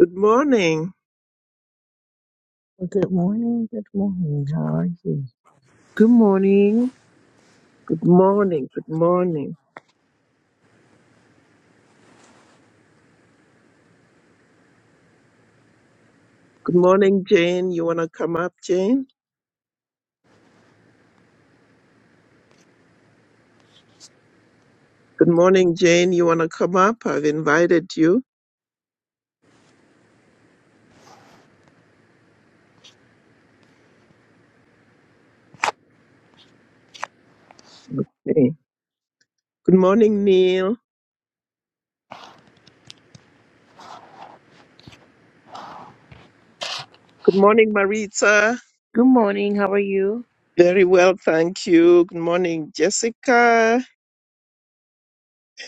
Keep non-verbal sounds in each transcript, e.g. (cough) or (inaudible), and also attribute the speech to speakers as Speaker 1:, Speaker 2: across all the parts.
Speaker 1: Good morning.
Speaker 2: Well, Good morning. Good morning. How are
Speaker 3: Good morning.
Speaker 1: Good morning. Good morning. Good morning, Jane. You want to come up, Jane? Good morning, Jane. You want to come up? I've invited you. Okay. Good morning, Neil. Good morning, Maritza.
Speaker 3: Good morning. How are you?
Speaker 1: Very well, thank you. Good morning, Jessica.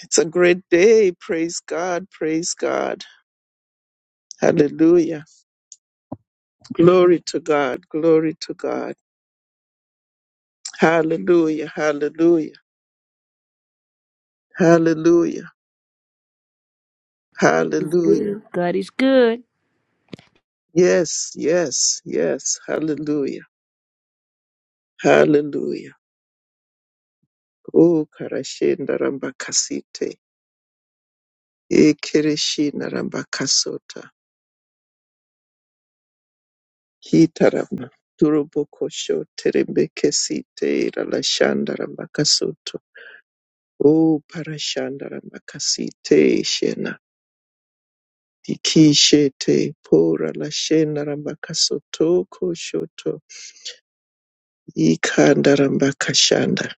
Speaker 1: It's a great day. Praise God. Praise God. Hallelujah. Glory to God. Glory to God. Hallelujah. Hallelujah. Hallelujah. Hallelujah.
Speaker 3: Good. God is good.
Speaker 1: Yes, yes, yes. Hallelujah. Hallelujah. Oh, Karashenda Rambakasite. Ekereshina Rambakasota. Hitarama. Turobokosho Terembekesite Ralashanda Rambakasoto. Oh, Parashanda Rambakasite Shena. Ikishete Pora Lashena Rambakasoto Koshoto. Ikanda Rambakashanda.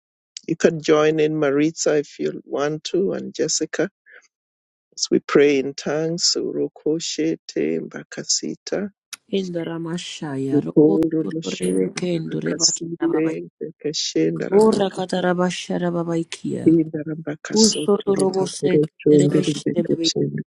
Speaker 1: You can join in Maritza if you want to and Jessica. As we pray in tongues, Urokoshete Mbakasita,
Speaker 3: In the Ramashaya,
Speaker 1: Iporo
Speaker 3: Rokotorebe
Speaker 1: Loshonda
Speaker 3: Kendure Basharababa,
Speaker 1: Mbakasite, Bekeshenda
Speaker 3: Ora
Speaker 1: Rambakatinda
Speaker 3: Katarabashara
Speaker 1: Rambakasoto
Speaker 3: Usoto Robose,
Speaker 1: Robokoro Chondere
Speaker 3: Terebesh,
Speaker 1: Bekechenda,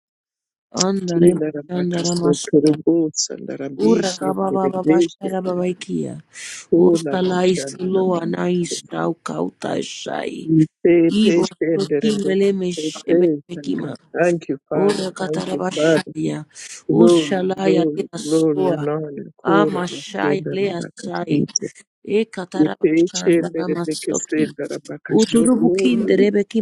Speaker 3: Andare,
Speaker 1: Tinda Rambakasoto
Speaker 3: Andaramasto,
Speaker 1: Robosa
Speaker 3: Ura
Speaker 1: Ndarabishe, Beregeshe,
Speaker 3: Kabababashara Babaikia,
Speaker 1: Berekola
Speaker 3: Osalais
Speaker 1: Bashanda
Speaker 3: Loa Nais
Speaker 1: Rambakase.
Speaker 3: Tau Kauta Shai,
Speaker 1: Ipe
Speaker 3: Ibo
Speaker 1: Peshendere
Speaker 3: Sokimele
Speaker 1: Bekete,
Speaker 3: Meshemekima.
Speaker 1: Thank you, Father.
Speaker 3: Ora
Speaker 1: Thank you, Father.
Speaker 3: katarabashaya.
Speaker 1: Glory,
Speaker 3: Ushalaya
Speaker 1: glory,
Speaker 3: lea
Speaker 1: glory,
Speaker 3: soa.
Speaker 1: anana, kura,
Speaker 3: Amashaya
Speaker 1: maskunda,
Speaker 3: lea sai.
Speaker 1: bakasite.
Speaker 3: E
Speaker 1: Ipeche
Speaker 3: katarabashanda
Speaker 1: mbere
Speaker 3: namasoki.
Speaker 1: bekesenda, bakashotoda.
Speaker 3: Uturubukinde rebeki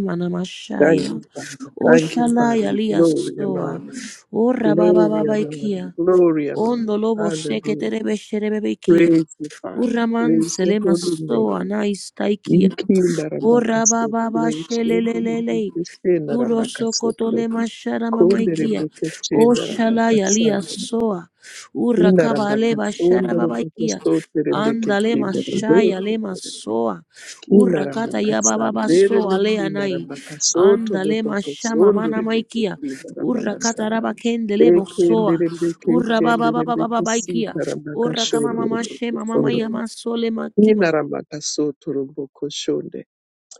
Speaker 1: Thank
Speaker 3: manamashaya.
Speaker 1: you, Father. Thank you,
Speaker 3: Oshalaya
Speaker 1: Father.
Speaker 3: lea
Speaker 1: Glory,
Speaker 3: soa.
Speaker 1: anana.
Speaker 3: Ora baba
Speaker 1: Glory,
Speaker 3: baba
Speaker 1: anana.
Speaker 3: ikia.
Speaker 1: Glory, anana.
Speaker 3: Ondo lobo sheke
Speaker 1: Hallelujah.
Speaker 3: terebe sherebebekia.
Speaker 1: Praise you, Father.
Speaker 3: Uraman
Speaker 1: Praise your
Speaker 3: selema
Speaker 1: holy name.
Speaker 3: soa na istaikia.
Speaker 1: Ikinda
Speaker 3: Ora baba ba
Speaker 1: rabakasote, shendere
Speaker 3: shelelelele.
Speaker 1: bekesenda
Speaker 3: Uro sokoto
Speaker 1: rabakasote,
Speaker 3: le mashara
Speaker 1: kondere
Speaker 3: mamaikia. O
Speaker 1: bekesenda
Speaker 3: shala yalia
Speaker 1: rabakasanda.
Speaker 3: soa. Ura
Speaker 1: Kina
Speaker 3: kaba
Speaker 1: ramba
Speaker 3: le bashara
Speaker 1: kasondo robo
Speaker 3: babaikia.
Speaker 1: kosote rembe
Speaker 3: Anda le
Speaker 1: kekina rebe
Speaker 3: mashaya le
Speaker 1: kotere.
Speaker 3: masoa.
Speaker 1: Kina
Speaker 3: Ura
Speaker 1: ramba
Speaker 3: kata ya baba
Speaker 1: kasambere le
Speaker 3: basoa le
Speaker 1: kina
Speaker 3: anai.
Speaker 1: ramba kasoto
Speaker 3: Andale
Speaker 1: robo
Speaker 3: mashama
Speaker 1: kosonde
Speaker 3: mana
Speaker 1: rebe
Speaker 3: maikia.
Speaker 1: kekina ramba
Speaker 3: Ura kata
Speaker 1: kasamba.
Speaker 3: raba kende le
Speaker 1: Ekende
Speaker 3: bosoa.
Speaker 1: rembe
Speaker 3: Ura
Speaker 1: kekende
Speaker 3: baba baba
Speaker 1: rembe
Speaker 3: baba baikia.
Speaker 1: kesita ramba
Speaker 3: Ora kama
Speaker 1: kashonde
Speaker 3: mama
Speaker 1: robo
Speaker 3: shema mama
Speaker 1: kosonde.
Speaker 3: ya masole
Speaker 1: Kina
Speaker 3: makima.
Speaker 1: ramba kasoto robo koshonde.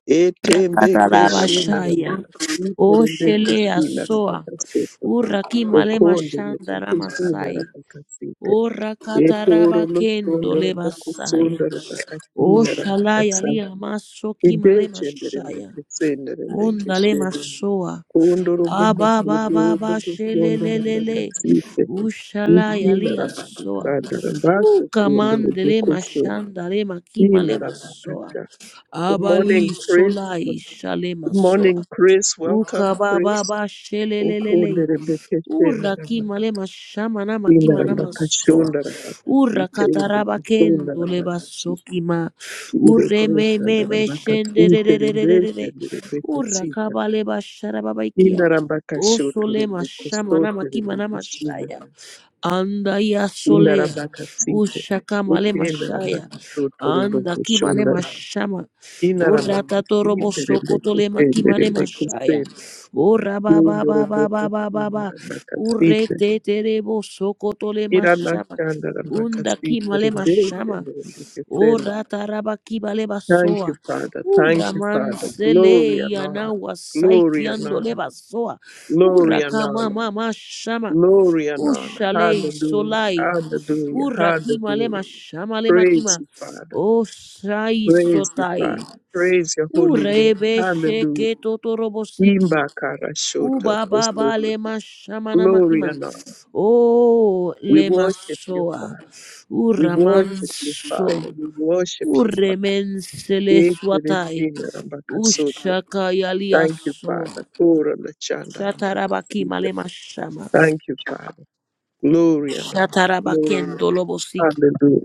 Speaker 1: Etembe keshina ramba
Speaker 3: Yakarabashaya.
Speaker 1: kasite
Speaker 3: O
Speaker 1: rembe
Speaker 3: Shelea
Speaker 1: keshina ramba
Speaker 3: Soa.
Speaker 1: kasoto.
Speaker 3: Urakima Lema
Speaker 1: Okonde
Speaker 3: Shanda
Speaker 1: rembe keshina
Speaker 3: Ramasai.
Speaker 1: ramba kasite.
Speaker 3: O
Speaker 1: Ekoro
Speaker 3: Rakataraba Kendo
Speaker 1: losondoro
Speaker 3: Lebasaya.
Speaker 1: bokusondoro
Speaker 3: O
Speaker 1: bakashinara
Speaker 3: Shalaya
Speaker 1: bakasa.
Speaker 3: Lia Masoki Malema
Speaker 1: Idechendere
Speaker 3: Shaya.
Speaker 1: mbekesendere
Speaker 3: Onda Lema
Speaker 1: mbekesheni.
Speaker 3: Soa.
Speaker 1: Kondoro
Speaker 3: Aba Baba
Speaker 1: bokosondoro
Speaker 3: Baba
Speaker 1: bokosondoro
Speaker 3: Shelelelele.
Speaker 1: bakasite.
Speaker 3: Ushalaya
Speaker 1: Ikinara
Speaker 3: Lia Soa.
Speaker 1: bakasandara
Speaker 3: Ooh,
Speaker 1: baso kondoro
Speaker 3: kamandele
Speaker 1: bokosondoro.
Speaker 3: mashandale makima le
Speaker 1: Inara
Speaker 3: masoa.
Speaker 1: bakasha. Good
Speaker 3: Abali
Speaker 1: morning, Chris.
Speaker 3: sola
Speaker 1: Good
Speaker 3: isha le masoa.
Speaker 1: morning, Chris. Welcome, Chris.
Speaker 3: Ukababa shelelelele.
Speaker 1: Okondere mbekesendara
Speaker 3: Uraki malema shamana makima
Speaker 1: bakasindara
Speaker 3: nama so.
Speaker 1: bakashondara bakasite.
Speaker 3: Urakataraba
Speaker 1: Bokosondara
Speaker 3: kendo leba
Speaker 1: bakasite.
Speaker 3: sokima. Ure me
Speaker 1: Kirebresa
Speaker 3: me me
Speaker 1: Narambaka Sinterebeke
Speaker 3: shendererererere.
Speaker 1: Nerebeke Sita.
Speaker 3: Urakaba leba sharababaikia.
Speaker 1: Inarambaka Shoto
Speaker 3: Osole
Speaker 1: Roboko
Speaker 3: mashamana
Speaker 1: Sote
Speaker 3: makima
Speaker 1: Rebeke
Speaker 3: nama
Speaker 1: Shina.
Speaker 3: shaya. Anda ya solea.
Speaker 1: Inarambaka Site.
Speaker 3: Ushaka malema
Speaker 1: Eke
Speaker 3: shaya.
Speaker 1: Narambaka Soto
Speaker 3: Anda
Speaker 1: Roboko
Speaker 3: ki
Speaker 1: Shona.
Speaker 3: malema shama. O Urata
Speaker 1: Inarambaka
Speaker 3: torobo
Speaker 1: Site Rebeke
Speaker 3: sokotole
Speaker 1: Shende
Speaker 3: makimane
Speaker 1: Rebeke
Speaker 3: mashaya.
Speaker 1: Sende.
Speaker 3: Ora ba ba
Speaker 1: Kundo
Speaker 3: ba ba ba
Speaker 1: Roboko
Speaker 3: ba ba
Speaker 1: Shina
Speaker 3: ba.
Speaker 1: Rambaka Site.
Speaker 3: Urete terebo sokotole
Speaker 1: Irana
Speaker 3: mashama.
Speaker 1: Shanda Rambaka
Speaker 3: Unda
Speaker 1: Site
Speaker 3: kimale
Speaker 1: Rebeke
Speaker 3: mashama.
Speaker 1: Nerebeke Senda.
Speaker 3: Ora taraba kibale
Speaker 1: Thank
Speaker 3: basoa.
Speaker 1: you, Father.
Speaker 3: Ura
Speaker 1: Thank you, Father. Glory
Speaker 3: mansele
Speaker 1: and
Speaker 3: yana
Speaker 1: honor. Glory
Speaker 3: wasaiki
Speaker 1: and honor.
Speaker 3: andole basoa. O
Speaker 1: Glory and
Speaker 3: kama
Speaker 1: honor.
Speaker 3: mama shama.
Speaker 1: Glory and honor.
Speaker 3: Ushalei
Speaker 1: Hallelujah.
Speaker 3: solai.
Speaker 1: Hallelujah.
Speaker 3: Urakima
Speaker 1: Hallelujah.
Speaker 3: lema shama lema
Speaker 1: Praise
Speaker 3: kima.
Speaker 1: you, Father.
Speaker 3: Osai
Speaker 1: Praise you,
Speaker 3: sotai.
Speaker 1: Father. Praise your holy name.
Speaker 3: Urebe
Speaker 1: Hallelujah.
Speaker 3: sheke totorobosiki.
Speaker 1: Imba karashoto
Speaker 3: Uba baba
Speaker 1: kosoto.
Speaker 3: le mashamana
Speaker 1: Glory
Speaker 3: makima.
Speaker 1: and honor.
Speaker 3: Oh
Speaker 1: We
Speaker 3: le
Speaker 1: worship you,
Speaker 3: masoa.
Speaker 1: Father. We worship you, Father.
Speaker 3: Uramanso.
Speaker 1: We worship you, Father.
Speaker 3: Uremensele swatai.
Speaker 1: Ekeresina rambakasoto.
Speaker 3: Ushaka
Speaker 1: Thank you,
Speaker 3: yaliaso.
Speaker 1: Father. Tora lachanda
Speaker 3: Shatarabaki
Speaker 1: rambakasita.
Speaker 3: male mashama.
Speaker 1: Thank you, Father. Glory and honor. Glory and
Speaker 3: Shatarabakendo
Speaker 1: honor.
Speaker 3: lobosiki.
Speaker 1: Hallelujah.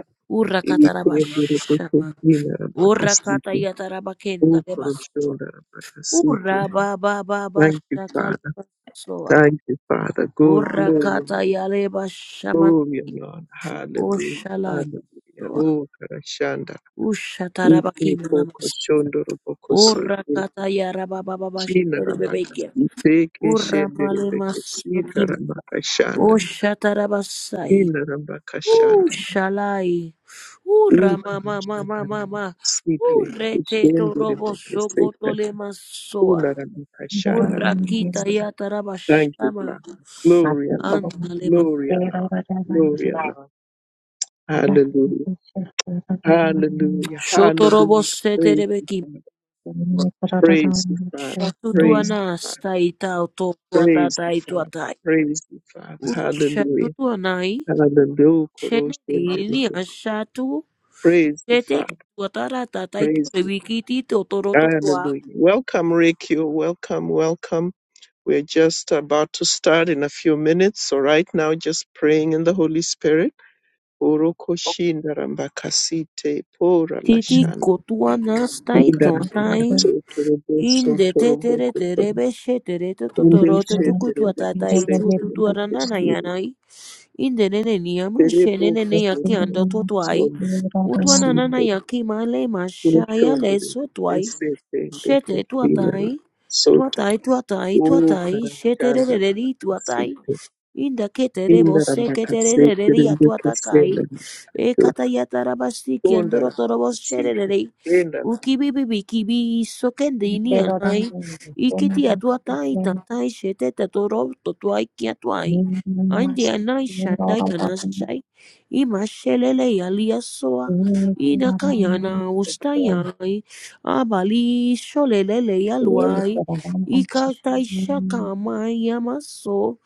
Speaker 1: imikhembere
Speaker 3: Urakatarabashama.
Speaker 1: kokosina
Speaker 3: Urakata
Speaker 1: amakasite
Speaker 3: yatarabakenda lebasora.
Speaker 1: ukuroshonda amakasite.
Speaker 3: Ura ba ba ba ba
Speaker 1: Thank you,
Speaker 3: shakala
Speaker 1: Father.
Speaker 3: soa.
Speaker 1: Thank you, Father. Go
Speaker 3: Ura
Speaker 1: glory,
Speaker 3: kata yale ba shaman
Speaker 1: glory, and Lord. Hallelujah.
Speaker 3: oshala
Speaker 1: Hallelujah.
Speaker 3: soa.
Speaker 1: Oh, Karashanda.
Speaker 3: Ushatara ba
Speaker 1: Ite poko
Speaker 3: kimlamas.
Speaker 1: shondoro poko
Speaker 3: Ura
Speaker 1: sote.
Speaker 3: kata yara ba ba ba ba
Speaker 1: Kina
Speaker 3: shakere
Speaker 1: rambaka
Speaker 3: bebeke.
Speaker 1: site
Speaker 3: Ura
Speaker 1: keshendere
Speaker 3: male
Speaker 1: beke sita
Speaker 3: masokim.
Speaker 1: rambaka shanda.
Speaker 3: Oshatara ba sai.
Speaker 1: Kina rambaka shanda.
Speaker 3: Ushalai. Ura ma ma ma ma
Speaker 1: Ukarashanda
Speaker 3: ma ma.
Speaker 1: site
Speaker 3: Ure te to
Speaker 1: keshendere
Speaker 3: robo
Speaker 1: beke
Speaker 3: soko
Speaker 1: sita.
Speaker 3: tole masoa.
Speaker 1: Thank
Speaker 3: Ura kita yatara ba
Speaker 1: you,
Speaker 3: shama.
Speaker 1: Father. Glory and honor,
Speaker 3: Andalema.
Speaker 1: glory and honor, glory and honor. Hallelujah,
Speaker 2: you?
Speaker 1: hallelujah,
Speaker 3: Shotorobo
Speaker 1: hallelujah. Praise you,
Speaker 3: seterebeki.
Speaker 1: Father. Praise you, Father. Praise you,
Speaker 3: Shatutuana
Speaker 1: Father.
Speaker 3: staita
Speaker 1: Praise you,
Speaker 3: totuatatai
Speaker 1: Father.
Speaker 3: tuatai.
Speaker 1: Praise you, Father. Hallelujah.
Speaker 3: Shatutuanai.
Speaker 1: Hallelujah.
Speaker 3: Shenerini
Speaker 1: Koroshendere.
Speaker 3: ashatu.
Speaker 1: Praise you, Father.
Speaker 3: Sheteke tuatara tatai
Speaker 1: Praise you.
Speaker 3: turebikiti totorototua.
Speaker 1: Hallelujah. Welcome, Rick. welcome, welcome. We're just about to start in a few minutes. So right now, just praying in the Holy Spirit. Oroko shinda rambakasite pora
Speaker 3: Titi
Speaker 1: lashana.
Speaker 3: kotuana
Speaker 1: Inda
Speaker 3: staitotai.
Speaker 1: rambakate terebe
Speaker 3: Inde
Speaker 1: sonto
Speaker 3: tetere
Speaker 1: roboko kono.
Speaker 3: terebe shetere
Speaker 1: Inde
Speaker 3: totoroto
Speaker 1: she terebe
Speaker 3: tukutuatatai
Speaker 1: kese terebe kesiri.
Speaker 3: tututuananai. Inde nene niyama
Speaker 1: Terebo
Speaker 3: shenene neyaki
Speaker 1: kusondo
Speaker 3: ando totuai.
Speaker 1: kusondo
Speaker 3: Utwanana
Speaker 1: kasite.
Speaker 3: yakimale mashaya
Speaker 1: Kuroshonde
Speaker 3: leso
Speaker 1: rebe
Speaker 3: twai
Speaker 1: kese terebe
Speaker 3: shete
Speaker 1: kesina.
Speaker 3: twatai
Speaker 1: Sota.
Speaker 3: twatai twatai
Speaker 1: O
Speaker 3: twatai
Speaker 1: karachanda
Speaker 3: sheterereri twatai
Speaker 1: rambakasite.
Speaker 3: inda ketere bose
Speaker 1: Indarambakasete
Speaker 3: keterereri atwatakai
Speaker 1: rembekesende
Speaker 3: ekata yatarabasti kiandoro torobos
Speaker 1: tondarambakasite
Speaker 3: sherereri
Speaker 1: endaramba.
Speaker 3: Ukibibibikibi sokendini anai. Ikiti atuatai tatai sheteta toro totuai kiatuai. Andi anai shandai anasai. Ima shelele yaliasoa. Inakayana ustayai. Abali sholelele
Speaker 2: Yeni
Speaker 3: yaluai.
Speaker 2: kiralardan
Speaker 3: Ikatai
Speaker 2: çıkıyorum.
Speaker 3: shakamai yamaso.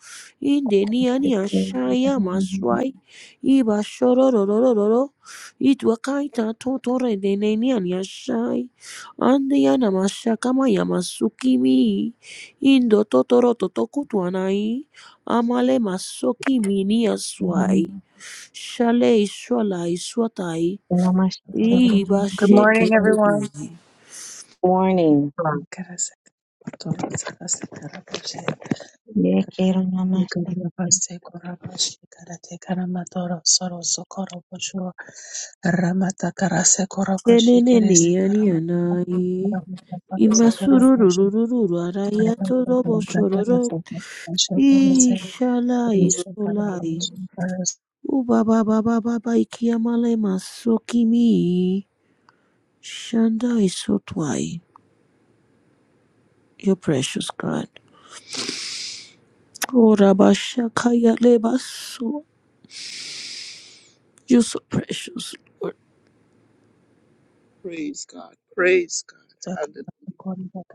Speaker 3: Indeni
Speaker 2: Başka
Speaker 3: ani ashaya
Speaker 2: kiralardan
Speaker 3: maswai. Iba shorororororo itwakaita toto redenenian yashai ande yana mashakama yamasukimi indo totoro totokutuanai amale masokimi niaswai shale ishwala iswatai
Speaker 4: Good morning,
Speaker 3: ibasheke
Speaker 4: everyone.
Speaker 2: Morning. Yeni kiralardan
Speaker 3: tenenenianianai imasurururururu arayatoroboshororo ishala isolai O Baba Baba Baba, ba ba ikiamale masoki Shanda isotwai. You're precious, God. Oh, rabashakaya lebaso. You're so precious, Lord.
Speaker 1: Praise God. Praise God. Hallelujah.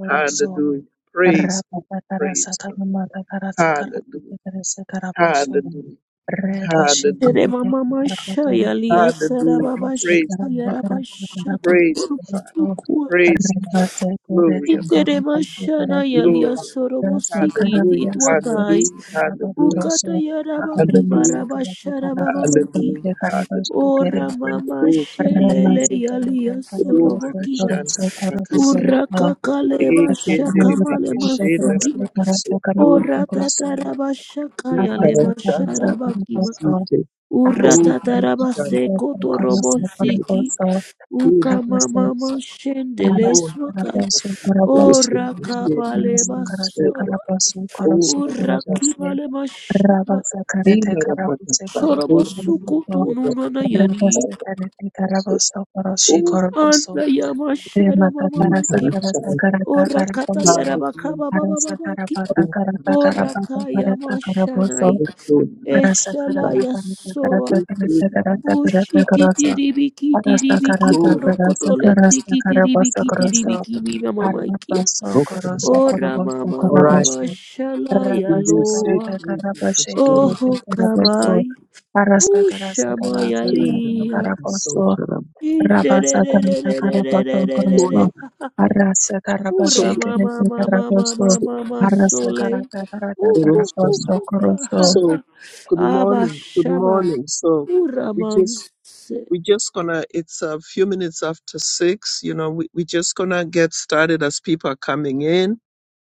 Speaker 1: Hallelujah.
Speaker 4: Rama
Speaker 1: Praise God. Praise God. Hallelujah. Hallelujah.
Speaker 3: Tere
Speaker 1: Hallelujah.
Speaker 3: mama mashaya liya sara
Speaker 1: Hallelujah.
Speaker 3: baba
Speaker 1: Praise the
Speaker 3: shakaya
Speaker 1: Father.
Speaker 3: rabashata
Speaker 1: Praise the Father.
Speaker 3: kurubusukwa.
Speaker 1: Praise the Father. Glory and
Speaker 3: Intere mashana
Speaker 1: honor.
Speaker 3: yalia
Speaker 1: Glory and honor.
Speaker 3: sorobosikiti
Speaker 1: Hallelujah.
Speaker 3: tuatai.
Speaker 1: Hallelujah. Hallelujah.
Speaker 3: Ukata yaraba kibara
Speaker 1: Hallelujah.
Speaker 3: bashara baba
Speaker 1: Hallelujah, hallelujah,
Speaker 3: Ora mama shelele
Speaker 1: Ukaratina,
Speaker 3: yalia sorobokiba.
Speaker 1: ukarashanda bakasi,
Speaker 3: Ura kakale basha
Speaker 1: ekendere
Speaker 4: atsakomybę
Speaker 3: kamale
Speaker 1: bekeshenda
Speaker 4: pakeitimas yra
Speaker 3: masokiba.
Speaker 4: negana
Speaker 1: bakasoto
Speaker 3: Ora
Speaker 1: barashanda,
Speaker 4: konkurencinga
Speaker 3: tatara basha
Speaker 4: tą
Speaker 3: kayale
Speaker 4: pačią
Speaker 1: ukarashanda
Speaker 4: operaciją
Speaker 3: masharabakiba.
Speaker 4: organizuotų
Speaker 1: bakasite,
Speaker 3: Ura
Speaker 4: aras
Speaker 3: tatara
Speaker 4: interneto
Speaker 1: ukarashanda
Speaker 3: base
Speaker 4: organizuotų karas
Speaker 1: bakasite,
Speaker 3: kotorobosiki.
Speaker 4: operuotų
Speaker 1: ekenda
Speaker 3: Uka
Speaker 4: rabuose
Speaker 3: mama
Speaker 1: bakasa,
Speaker 3: mashendele
Speaker 4: karas
Speaker 1: onda
Speaker 3: swatai.
Speaker 4: operacijų
Speaker 1: bakasite,
Speaker 4: karabuose
Speaker 3: Ora
Speaker 1: ekeshenda
Speaker 3: kabale
Speaker 4: mėnesio karate
Speaker 1: bakasota,
Speaker 3: basoba.
Speaker 4: karabuose karuose
Speaker 3: Ura
Speaker 1: ukarashanda,
Speaker 4: karabuose
Speaker 3: kibale mashaba.
Speaker 4: rabuose karate
Speaker 1: ina
Speaker 4: karabuose
Speaker 1: bakasa,
Speaker 4: karuose
Speaker 3: Shorobosuku
Speaker 4: karabuose
Speaker 1: ukarashanda
Speaker 3: tununana yani.
Speaker 4: rabuose
Speaker 1: bakasota,
Speaker 4: karate karabuose karuose
Speaker 1: ukarashanda,
Speaker 4: karabuose
Speaker 3: Anna yama sharama
Speaker 4: Arasa karasa
Speaker 3: mama
Speaker 4: karasa
Speaker 1: ukarashanda,
Speaker 4: karata
Speaker 3: Orakataya
Speaker 4: karatomso.
Speaker 1: Hallelujah.
Speaker 3: Rabakaba Baba
Speaker 4: karasa
Speaker 3: Babaki
Speaker 4: karapata
Speaker 1: Oh,
Speaker 4: karata
Speaker 1: Christian,
Speaker 4: karapata
Speaker 3: Orakaya
Speaker 4: karata
Speaker 1: the
Speaker 3: Mashanai
Speaker 1: restorer of my son,
Speaker 3: Eshalaya Soa
Speaker 1: the
Speaker 3: Ushikitibiki Tiribiki Torokotole
Speaker 4: karaboso.
Speaker 3: Tikitibiki Tiribiki Mima Mamaikia
Speaker 1: Okay,
Speaker 3: Ora Mama
Speaker 1: all right.
Speaker 3: Mama Shalaya
Speaker 1: In the city,
Speaker 3: Loa
Speaker 1: the Christian, the
Speaker 3: Oho Kabai
Speaker 4: karasa
Speaker 3: Ushamaya
Speaker 1: tender of
Speaker 3: Lia
Speaker 4: karabosu Rabasa Kamita Karabaton
Speaker 3: Intererererererererere.
Speaker 4: Koroslo,
Speaker 3: (laughs)
Speaker 4: Arasa
Speaker 1: So,
Speaker 3: Ura
Speaker 4: Karabashe
Speaker 3: mama
Speaker 4: Kerete
Speaker 3: mama mama mama
Speaker 4: Karaboso,
Speaker 3: ma, ma,
Speaker 1: so,
Speaker 3: ma, ma,
Speaker 4: Arasa
Speaker 3: Sole.
Speaker 4: Karata Karata
Speaker 3: Ooh, ooh, ooh,
Speaker 4: Karaboso
Speaker 3: ha, ha,
Speaker 4: Koroso.
Speaker 3: ha.
Speaker 1: so, good
Speaker 3: Abba
Speaker 1: morning, good
Speaker 3: Shama.
Speaker 1: morning. So, we just we just gonna it's a few minutes after six you know we, we just gonna get started as people are coming in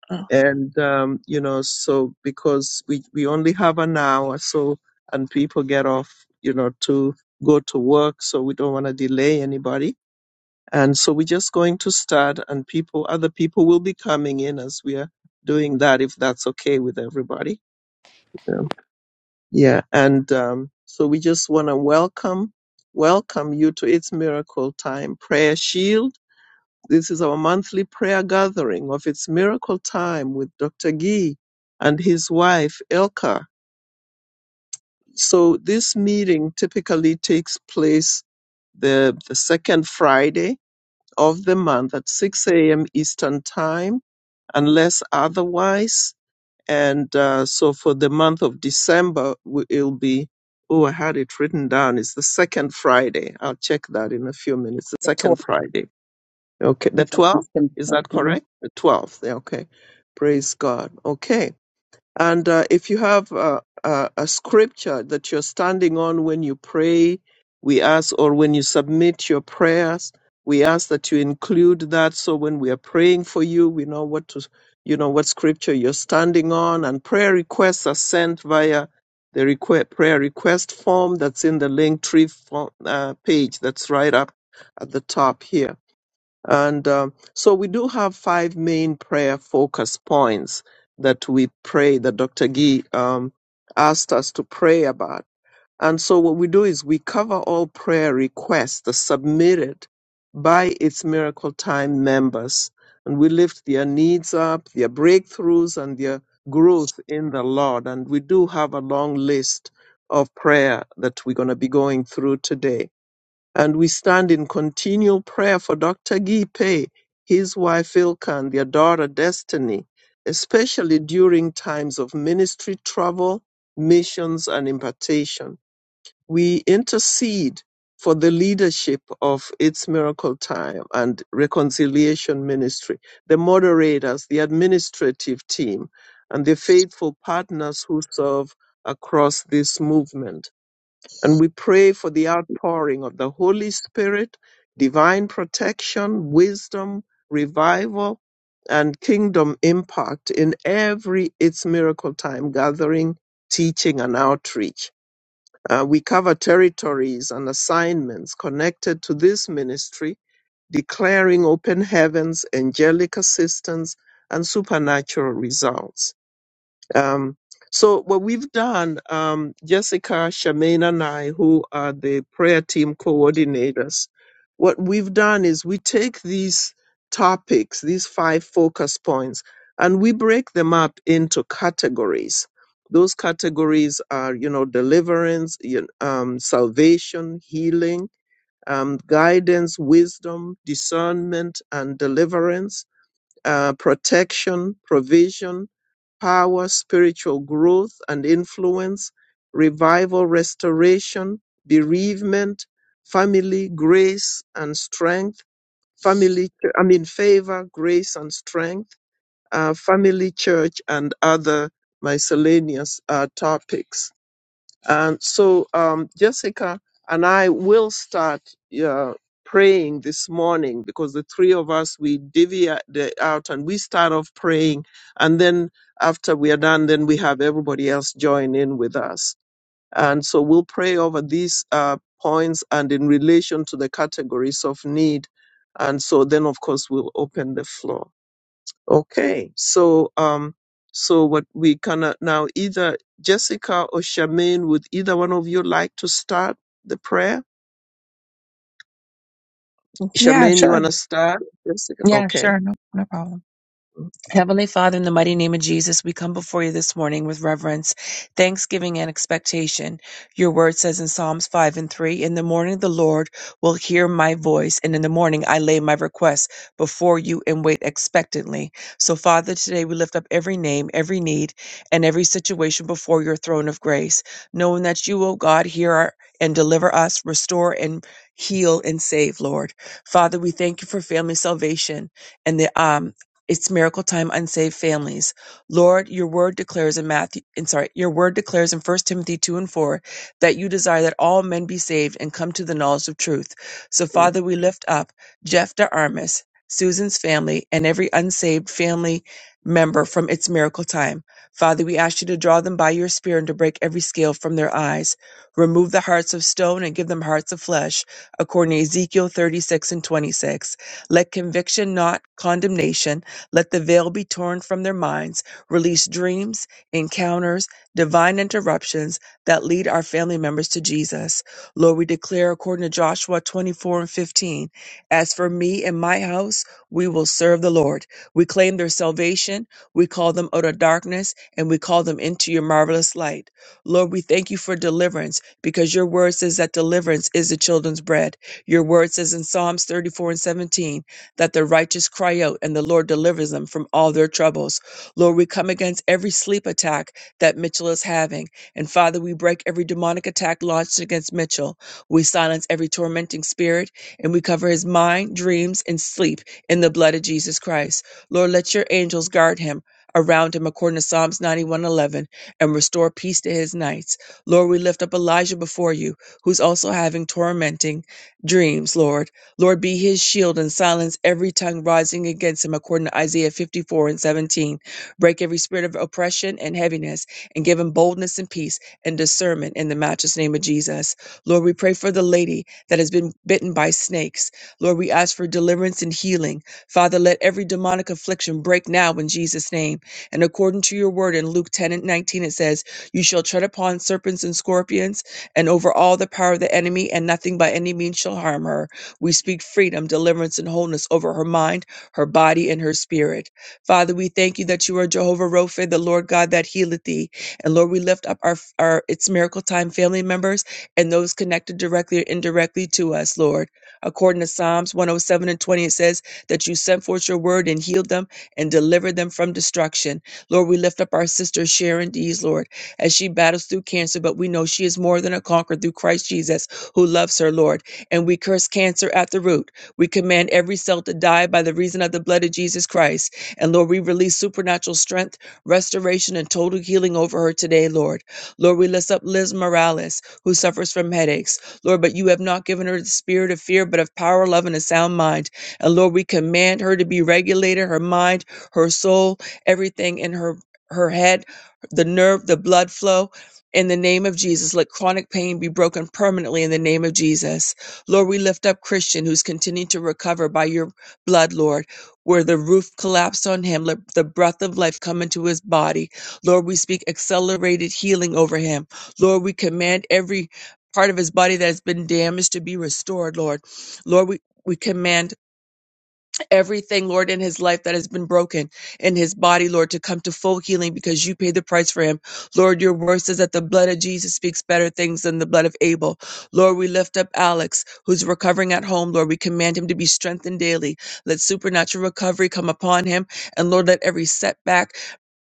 Speaker 4: Uh,
Speaker 1: and um, you know so because we we only have an hour so and people get off you know to go to work so we don't want to delay anybody and so we're just going to start and people other people will be coming in as we are doing that if that's okay with everybody yeah, yeah. and um, so we just want to welcome welcome you to its miracle time prayer shield this is our monthly prayer gathering of It's Miracle Time with Dr. Gee and his wife, Elka. So this meeting typically takes place the, the second Friday of the month at 6 a.m. Eastern Time, unless otherwise. And uh, so for the month of December, w- it'll be, oh, I had it written down. It's the second Friday. I'll check that in a few minutes. The second Friday. Okay, the 12th, is that correct? The 12th, yeah, okay. Praise God. Okay. And uh, if you have uh, a, a scripture that you're standing on when you pray, we ask, or when you submit your prayers, we ask that you include that so when we are praying for you, we know what to, you know, what scripture you're standing on. And prayer requests are sent via the requ- prayer request form that's in the link tree form, uh, page that's right up at the top here and um, so we do have five main prayer focus points that we pray, that Dr. Gee um, asked us to pray about. And so what we do is we cover all prayer requests that submitted by its Miracle Time members. And we lift their needs up, their breakthroughs, and their growth in the Lord. And we do have a long list of prayer that we're going to be going through today. And we stand in continual prayer for Dr. Gipe, his wife Ilka, and their daughter Destiny, especially during times of ministry travel, missions, and impartation. We intercede for the leadership of its miracle time and reconciliation ministry, the moderators, the administrative team, and the faithful partners who serve across this movement. And we pray for the outpouring of the Holy Spirit, divine protection, wisdom, revival, and kingdom impact in every It's Miracle Time gathering, teaching, and outreach. Uh, we cover territories and assignments connected to this ministry, declaring open heavens, angelic assistance, and supernatural results. Um, so what we've done, um, Jessica, Charmaine, and I, who are the prayer team coordinators, what we've done is we take these topics, these five focus points, and we break them up into categories. Those categories are, you know, deliverance, you- um, salvation, healing, um, guidance, wisdom, discernment, and deliverance uh, protection, provision, power, spiritual growth and influence, revival, restoration, bereavement, family, grace and strength, family, I mean, favor, grace and strength, uh, family, church, and other miscellaneous uh, topics. And so, um, Jessica and I will start uh, praying this morning because the three of us we divvy a- the- out and we start off praying, and then after we are done, then we have everybody else join in with us. And so we'll pray over these uh, points and in relation to the categories of need. And so then, of course, we'll open the floor. Okay, so um, so what we can uh, now either Jessica or Charmaine, would either one of you like to start the prayer?
Speaker 4: Yeah,
Speaker 1: Charmaine, you
Speaker 4: sure.
Speaker 1: wanna start? Jessica,
Speaker 4: Yeah,
Speaker 1: okay.
Speaker 4: sure. No, no problem. Heavenly Father, in the mighty name of Jesus, we come before you this morning with reverence, thanksgiving, and expectation. Your word says in Psalms 5 and 3 In the morning the Lord will hear my voice, and in the morning I lay my requests before you and wait expectantly. So, Father, today we lift up every name, every need, and every situation before your throne of grace, knowing that you, O God, hear our, and deliver us, restore and heal and save, Lord. Father, we thank you for family salvation and the um it's miracle time unsaved families. Lord, your word declares in Matthew in sorry, your word declares in First Timothy 2 and 4 that you desire that all men be saved and come to the knowledge of truth. So Father, we lift up Jeff DeArmas, Susan's family, and every unsaved family member from its miracle time. Father, we ask you to draw them by your spirit and to break every scale from their eyes. Remove the hearts of stone and give them hearts of flesh, according to Ezekiel 36 and 26. Let conviction, not condemnation, let the veil be torn from their minds. Release dreams, encounters, divine interruptions that lead our family members to Jesus. Lord, we declare according to Joshua 24 and 15, as for me and my house, we will serve the Lord. We claim their salvation. We call them out of darkness and we call them into your marvelous light. Lord, we thank you for deliverance because your word says that deliverance is the children's bread. Your word says in Psalms 34 and 17, that the righteous cry out and the Lord delivers them from all their troubles. Lord, we come against every sleep attack that Mitchell is having. And Father, we break every demonic attack launched against Mitchell. We silence every tormenting spirit and we cover his mind, dreams, and sleep in the blood of Jesus Christ. Lord, let your angels guard him. Around him, according to Psalms 91:11, and restore peace to his nights. Lord, we lift up Elijah before you, who's also having tormenting dreams, Lord. Lord, be his shield and silence every tongue rising against him, according to Isaiah 54 and 17. Break every spirit of oppression and heaviness, and give him boldness and peace and discernment in the matchless name of Jesus. Lord, we pray for the lady that has been bitten by snakes. Lord, we ask for deliverance and healing. Father, let every demonic affliction break now in Jesus' name. And according to your word in Luke 10 and 19, it says, You shall tread upon serpents and scorpions and over all the power of the enemy, and nothing by any means shall harm her. We speak freedom, deliverance, and wholeness over her mind, her body, and her spirit. Father, we thank you that you are Jehovah Rophe, the Lord God that healeth thee. And Lord, we lift up our, our It's Miracle Time family members and those connected directly or indirectly to us, Lord. According to Psalms 107 and 20, it says that you sent forth your word and healed them and delivered them from destruction. Lord, we lift up our sister Sharon Dees, Lord, as she battles through cancer, but we know she is more than a conqueror through Christ Jesus who loves her, Lord and we curse cancer at the root. We command every cell to die by the reason of the blood of Jesus Christ. And Lord, we release supernatural strength, restoration, and total healing over her today, Lord. Lord, we lift up Liz Morales, who suffers from headaches. Lord, but you have not given her the spirit of fear, but of power, love, and a sound mind. And Lord, we command her to be regulated, her mind, her soul, everything in her her head, the nerve, the blood flow. In the name of Jesus, let chronic pain be broken permanently in the name of Jesus. Lord, we lift up Christian who's continuing to recover by your blood, Lord, where the roof collapsed on him. Let the breath of life come into his body. Lord, we speak accelerated healing over him. Lord, we command every part of his body that has been damaged to be restored, Lord. Lord, we, we command everything, Lord, in his life that has been broken in his body, Lord, to come to full healing because you paid the price for him. Lord, your word says that the blood of Jesus speaks better things than the blood of Abel. Lord, we lift up Alex, who's recovering at home. Lord, we command him to be strengthened daily. Let supernatural recovery come upon him. And Lord, let every setback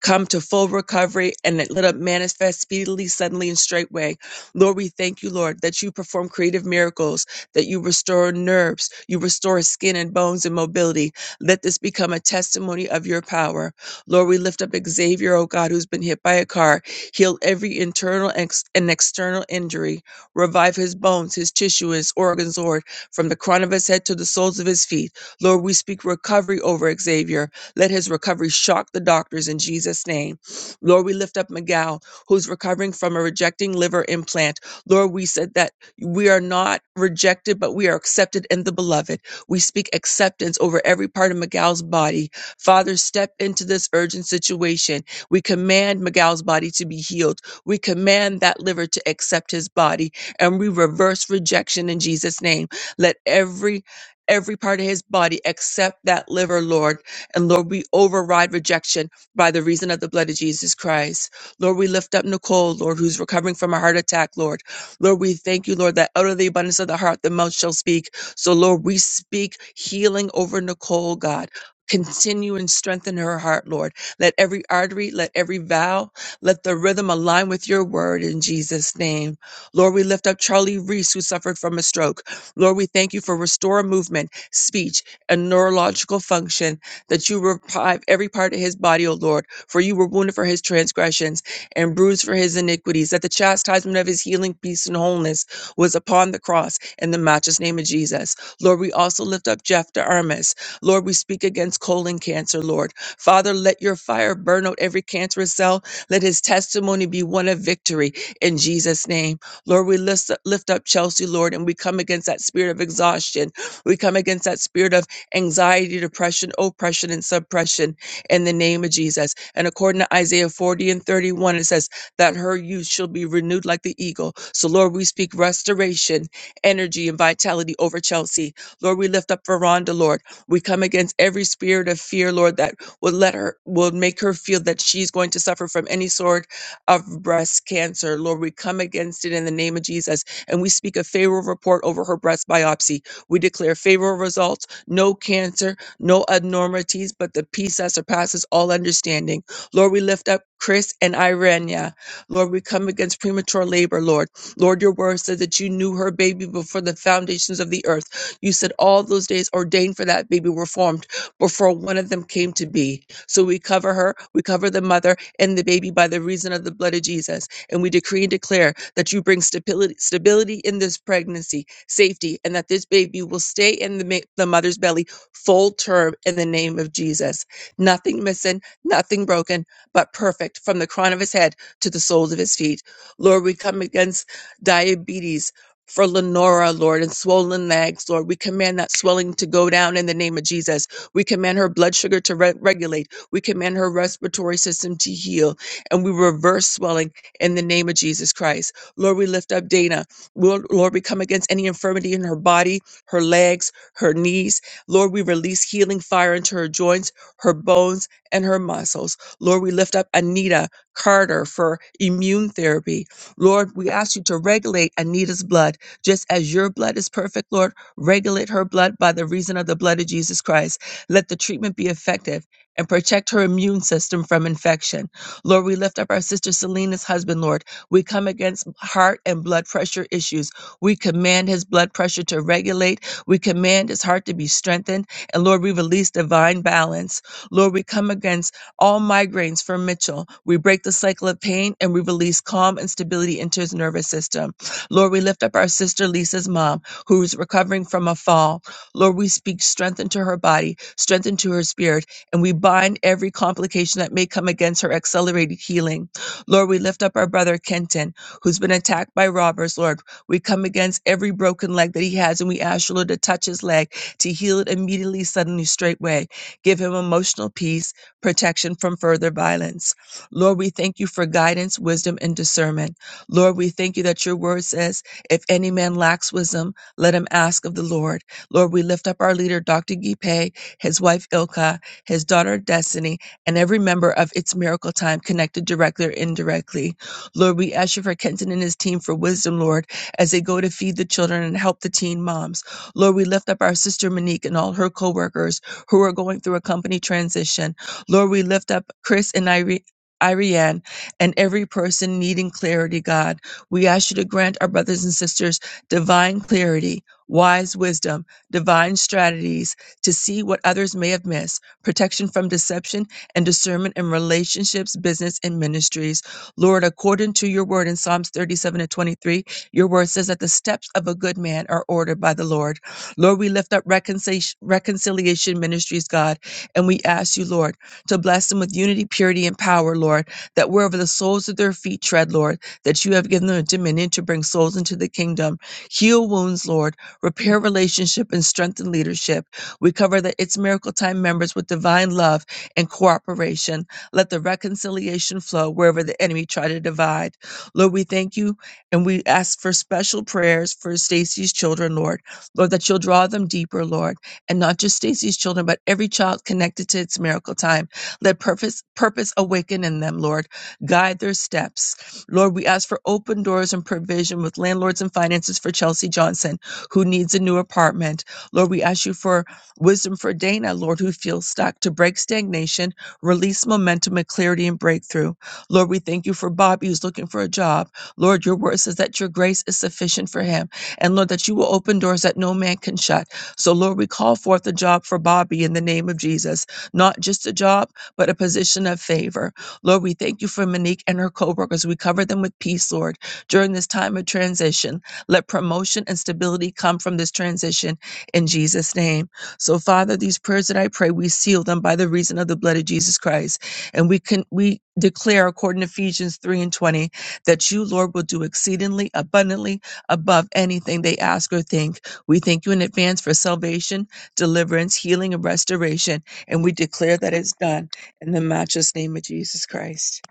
Speaker 4: come to full recovery and let it manifest speedily, suddenly, and straightway. Lord, we thank you, Lord, that you perform creative miracles, that you restore nerves, you restore skin and bones and mobility. Let this become a testimony of your power. Lord, we lift up Xavier, oh God, who's been hit by a car. Heal every internal ex- and external injury. Revive his bones, his tissue, his organs, Lord, from the crown of his head to the soles of his feet. Lord, we speak recovery over Xavier let his recovery shock the doctors in Jesus' name. Lord, we lift up Miguel, who's recovering from a rejecting liver implant. Lord, we said that we are not rejected, but we are accepted in the beloved. We speak acceptance over every part of Miguel's body. Father, step into this urgent situation. We command Miguel's body to be healed. We command that liver to accept his body and we reverse rejection in Jesus' name. Let every Every part of his body accept that liver, Lord. And Lord, we override rejection by the reason of the blood of Jesus Christ. Lord, we lift up Nicole, Lord, who's recovering from a heart attack, Lord. Lord, we thank you, Lord, that out of the abundance of the heart, the mouth shall speak. So, Lord, we speak healing over Nicole, God. Continue and strengthen her heart, Lord. Let every artery, let every valve, let the rhythm align with your word in Jesus' name. Lord, we lift up Charlie Reese, who suffered from a stroke. Lord, we thank you for restore movement, speech, and neurological function that you revive every part of his body, O Lord. For you were wounded for his transgressions and bruised for his iniquities, that the chastisement of his healing, peace, and wholeness was upon the cross in the matchless name of Jesus. Lord, we also lift up Jeff DeArmas. Lord, we speak against colon cancer, Lord. Father, let your fire burn out every cancerous cell. Let his testimony be one of victory in Jesus' name. Lord, we lift, lift up Chelsea, Lord, and we come against that spirit of exhaustion. We come against that spirit of anxiety, depression, oppression, and suppression in the name of Jesus. And according to Isaiah 40 and 31, it says that her youth shall be renewed like the eagle. So, Lord, we speak restoration, energy, and vitality over Chelsea. Lord, we lift up Veranda, Lord. We come against every spirit of fear, Lord, that will let her, will make her feel that she's going to suffer from any sort of breast cancer. Lord, we come against it in the name of Jesus. And we speak a favorable report over her breast biopsy. We declare favorable results no cancer, no abnormalities, but the peace that surpasses all understanding. Lord, we lift up Chris and Irenia. Lord, we come against premature labor, Lord. Lord, your word said that you knew her baby before the foundations of the earth. You said all those days ordained for that baby were formed before one of them came to be. So we cover her, we cover the mother and the baby by the reason of the blood of Jesus. And we decree and declare that you bring stability, stability in this pregnancy, safety and that this baby will stay in the, ma- the mother's belly full term in the name of Jesus. Nothing missing, nothing broken, but perfect from the crown of his head to the soles of his feet. Lord, we come against diabetes. For Lenora, Lord, and swollen legs, Lord, we command that swelling to go down in the name of Jesus. We command her blood sugar to re- regulate. We command her respiratory system to heal. And we reverse swelling in the name of Jesus Christ. Lord, we lift up Dana. Lord, Lord, we come against any infirmity in her body, her legs, her knees. Lord, we release healing fire into her joints, her bones, and her muscles. Lord, we lift up Anita Carter for immune therapy. Lord, we ask you to regulate Anita's blood. Just as your blood is perfect, Lord, regulate her blood by the reason of the blood of Jesus Christ. Let the treatment be effective and protect her immune system from infection. Lord, we lift up our sister Selena's husband, Lord. We come against heart and blood pressure issues. We command his blood pressure to regulate. We command his heart to be strengthened. And Lord, we release divine balance. Lord, we come against all migraines for Mitchell. We break the cycle of pain and we release calm and stability into his nervous system. Lord, we lift up our sister Lisa's mom, who is recovering from a fall. Lord, we speak strength into her body, strength into her spirit, and we bind every complication that may come against her accelerated healing. Lord, we lift up our brother Kenton, who's been attacked by robbers, Lord. We come against every broken leg that he has, and we ask you, Lord, to touch his leg, to heal it immediately, suddenly, straightway. Give him emotional peace, protection from further violence. Lord, we thank you for guidance, wisdom, and discernment. Lord, we thank you that your word says, if any man lacks wisdom, let him ask of the Lord. Lord, we lift up our leader, Dr. Gipe, his wife Ilka, his daughter Destiny, and every member of It's Miracle Time, connected directly or indirectly. Lord, we ask you for Kenton and his team for wisdom, Lord, as they go to feed the children and help the teen moms. Lord, we lift up our sister Monique and all her co workers who are going through a company transition. Lord, we lift up Chris and Irene. Irianne and every person needing clarity, God. We ask you to grant our brothers and sisters divine clarity, wise wisdom, divine strategies to see what others may have missed, protection from deception, and discernment in relationships, business, and ministries. Lord, according to your word in Psalms 37 and 23, your word says that the steps of a good man are ordered by the Lord. Lord, we lift up reconciliation, reconciliation ministries, God, and we ask you, Lord, to bless them with unity, purity, and power, Lord, that wherever the soles of their feet tread, Lord, that you have given them dominion to bring souls into the kingdom. Heal wounds, Lord, repair relationship, and strengthen leadership. We cover the It's Miracle Time members with divine love and cooperation. Let the reconciliation flow wherever the enemy try to divide. Lord, we thank you and we ask for special prayers for Stacy's children, Lord. Lord, that you'll draw them deeper, Lord, and not just Stacy's children, but every child connected to its miracle time. Let purpose purpose awaken in them, Lord. Guide their steps. Lord, we ask for open doors and provision with landlords and finances for Chelsea Johnson, who needs a new apartment. Lord, we ask you for Wisdom for Dana, Lord, who feels stuck, to break stagnation, release momentum and clarity and breakthrough. Lord, we thank you for Bobby, who's looking for a job. Lord, your word says that your grace is sufficient for him. And Lord, that you will open doors that no man can shut. So, Lord, we call forth a job for Bobby in the name of Jesus. Not just a job, but a position of favor. Lord, we thank you for Monique and her co workers. We cover them with peace, Lord, during this time of transition. Let promotion and stability come from this transition in Jesus' name. So, Father, these prayers that I pray, we seal them by the reason of the blood of Jesus Christ. And we can we declare according to Ephesians 3 and 20 that you, Lord, will do exceedingly abundantly above anything they ask or think. We thank you in advance for salvation, deliverance, healing, and restoration. And we declare that it's done in the matchless name of Jesus Christ.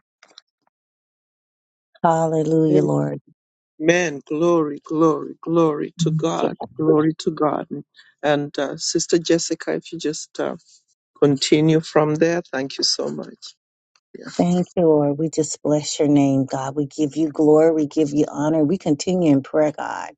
Speaker 2: Hallelujah,
Speaker 1: Mm. Amen. Glory, glory, glory to God.
Speaker 2: Lord.
Speaker 1: Glory to God. And uh, Sister Jessica, if you just uh, continue from there. Thank you so much. Yeah.
Speaker 2: Thank you, Lord. We just bless your name, God. We give you glory. We give you honor. We continue in prayer, God.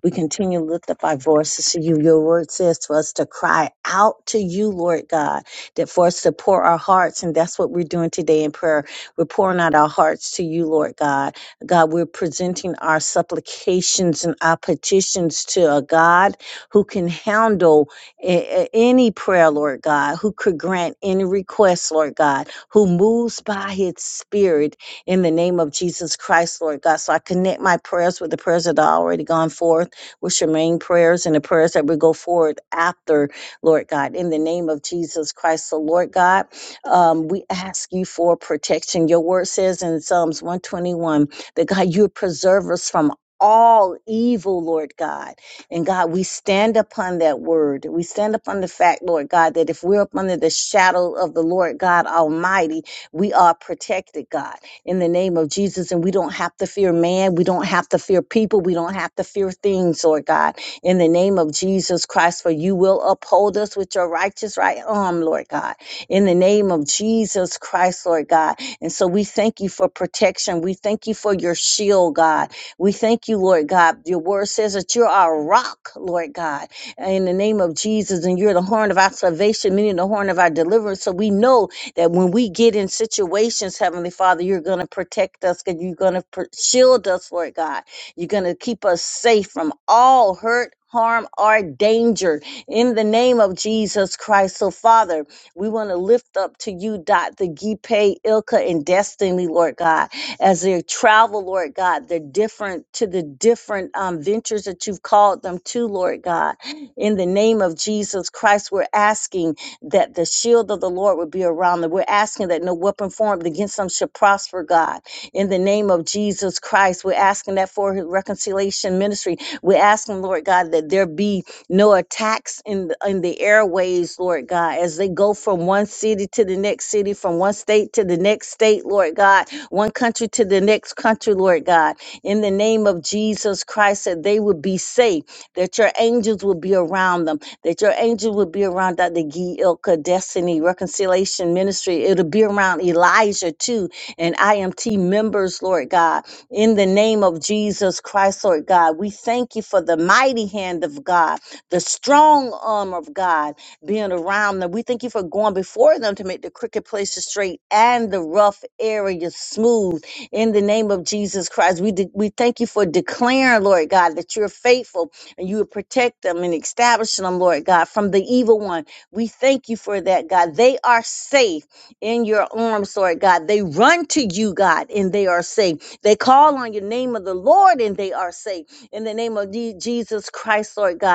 Speaker 2: We continue to lift up our voices to you. Your word says to us to cry out to you, Lord God, that for us to pour our hearts. And that's what we're doing today in prayer. We're pouring out our hearts to you, Lord God. God, we're presenting our supplications and our petitions to a God who can handle a- a- any prayer, Lord God, who could grant any request, Lord God, who moves by his spirit in the name of Jesus Christ, Lord God. So I connect my prayers with the prayers that are already gone forth, with your prayers and the prayers that will go forward after, Lord God, in the name of Jesus Christ. So, Lord God, um, we ask you for protection. Your word says in Psalms 121 that God, you preserve us from all evil, Lord God. And God, we stand upon that word. We stand upon the fact, Lord God, that if we're up under the shadow of the Lord God Almighty, we are protected, God, in the name of Jesus. And we don't have to fear man. We don't have to fear people. We don't have to fear things, Lord God, in the name of Jesus Christ, for you will uphold us with your righteous right arm, Lord God, in the name of Jesus Christ, Lord God. And so we thank you for protection. We thank you for your shield, God we thank you, Lord God. Your word says that you're our rock, Lord God, in the name of Jesus, and you're the horn of our salvation, meaning the horn of our deliverance. So we know that when we get in situations, Heavenly Father, you're going to protect us, and you're going to shield us, Lord God. You're going to keep us safe from all hurt. Harm or danger in the name of Jesus Christ. So, Father, we want to lift up to you, dot the Gipe, Ilka, and Destiny, Lord God as they travel, Lord God, the different to the different um, ventures that you've called them to, Lord God. In the name of Jesus Christ, we're asking that the shield of the Lord would be around them. We're asking that no weapon formed against them should prosper, God. In the name of Jesus Christ, we're asking that for his reconciliation ministry. We're asking, Lord God, that there be no attacks in the, in the airways, Lord God, as they go from one city to the next city, from one state to the next state, Lord God, one country to the next country, Lord God. In the name of Jesus Christ, that they would be safe, that your angels would be around them, that your angel would be around Dr. Gee Ilka Destiny Reconciliation Ministry. It'll be around Elijah too and IMT members, Lord God. In the name of Jesus Christ, Lord God, we thank you for the mighty hand of God the strong arm of God being around them. We thank you for going before them to make the crooked places straight and the rough areas smooth. In the name of Jesus Christ, we de- we thank you for declaring, Lord God, that you're faithful and you will protect them and establish them, Lord God, from the evil one. We thank you for that, God. They are safe in your arms, Lord God. They run to you, God, and they are safe. They call on your name of the Lord and they are safe. In the name of Je- Jesus Christ, Lord God.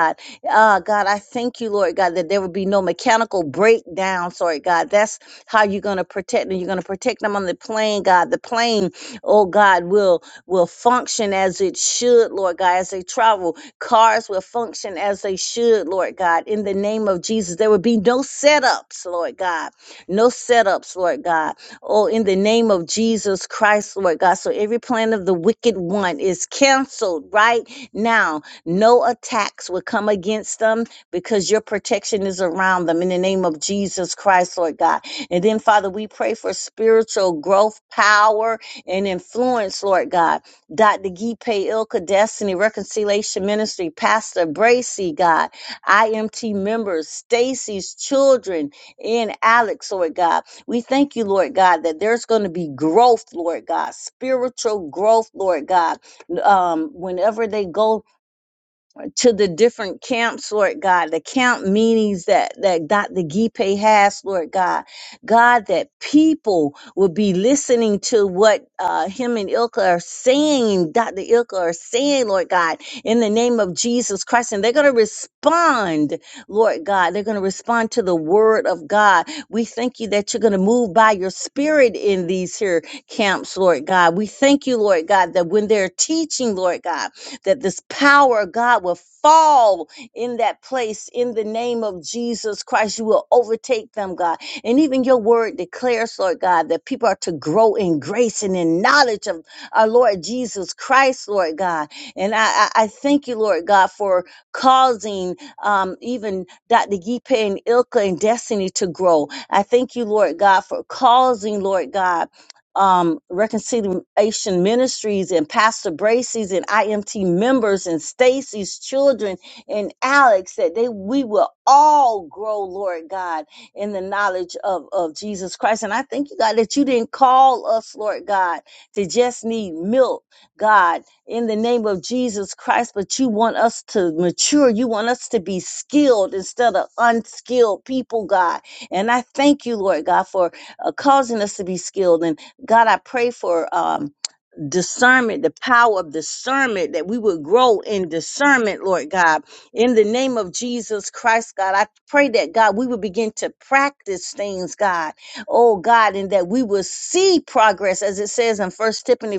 Speaker 2: Ah, God, I thank you, Lord God, that there would be no mechanical breakdown, Lord God. That's how you're going to protect them. You're going to protect them on the plane, God. The plane, oh God, will will function as it should, Lord God, as they travel. Cars will function as they should, Lord God. In the name of Jesus, there would be no setups, Lord God. No setups, Lord God. Oh, in the name of Jesus Christ, Lord God. So every plan of the wicked one is canceled right now no attacks will come against them because your protection is around them in the name of Jesus Christ, Lord God. And then, Father, we pray for spiritual growth, power, and influence, Lord God. Dr. Gipe Ilka Destiny Reconciliation Ministry, Pastor Bracy, God, IMT members, Stacy's children, and Alex, Lord God. We thank you, Lord God, that there's going to be growth, Lord God, spiritual growth, Lord God. Um, whenever they go to the different camps, Lord God, the camp meetings that, that Dr. Gipe has, Lord God. God, that people will be listening to what uh, him and Ilka are saying, Dr. Ilka are saying, Lord God, in the name of Jesus Christ. And they're going to respond, Lord God. They're going to respond to the word of God. We thank you that you're going to move by your spirit in these here camps, Lord God. We thank you, Lord God, that when they're teaching, Lord God, that this power of God will fall in that place in the name of Jesus Christ. You will overtake them, God. And even your word declares, Lord God, that people are to grow in grace and in knowledge of our Lord Jesus Christ, Lord God. And I, I, I thank you, Lord God, for causing um, even Dr. Gipe and Ilka and Destiny to grow. I thank you, Lord God, for causing, Lord God, um, Reconciliation Ministries and Pastor Bracy's and IMT members and Stacy's children and Alex that they we will all grow, Lord God, in the knowledge of, of Jesus Christ. And I thank you, God, that you didn't call us, Lord God, to just need milk, God, in the name of Jesus Christ, but you want us to mature. You want us to be skilled instead of unskilled people, God. And I thank you, Lord God, for uh, causing us to be skilled God, I pray for um, discernment, the power of discernment, that we would grow in discernment, Lord God. In the name of Jesus Christ, God, I pray that, God, we would begin to practice things, God, oh God, and that we will see progress, as it says in First Tiffany.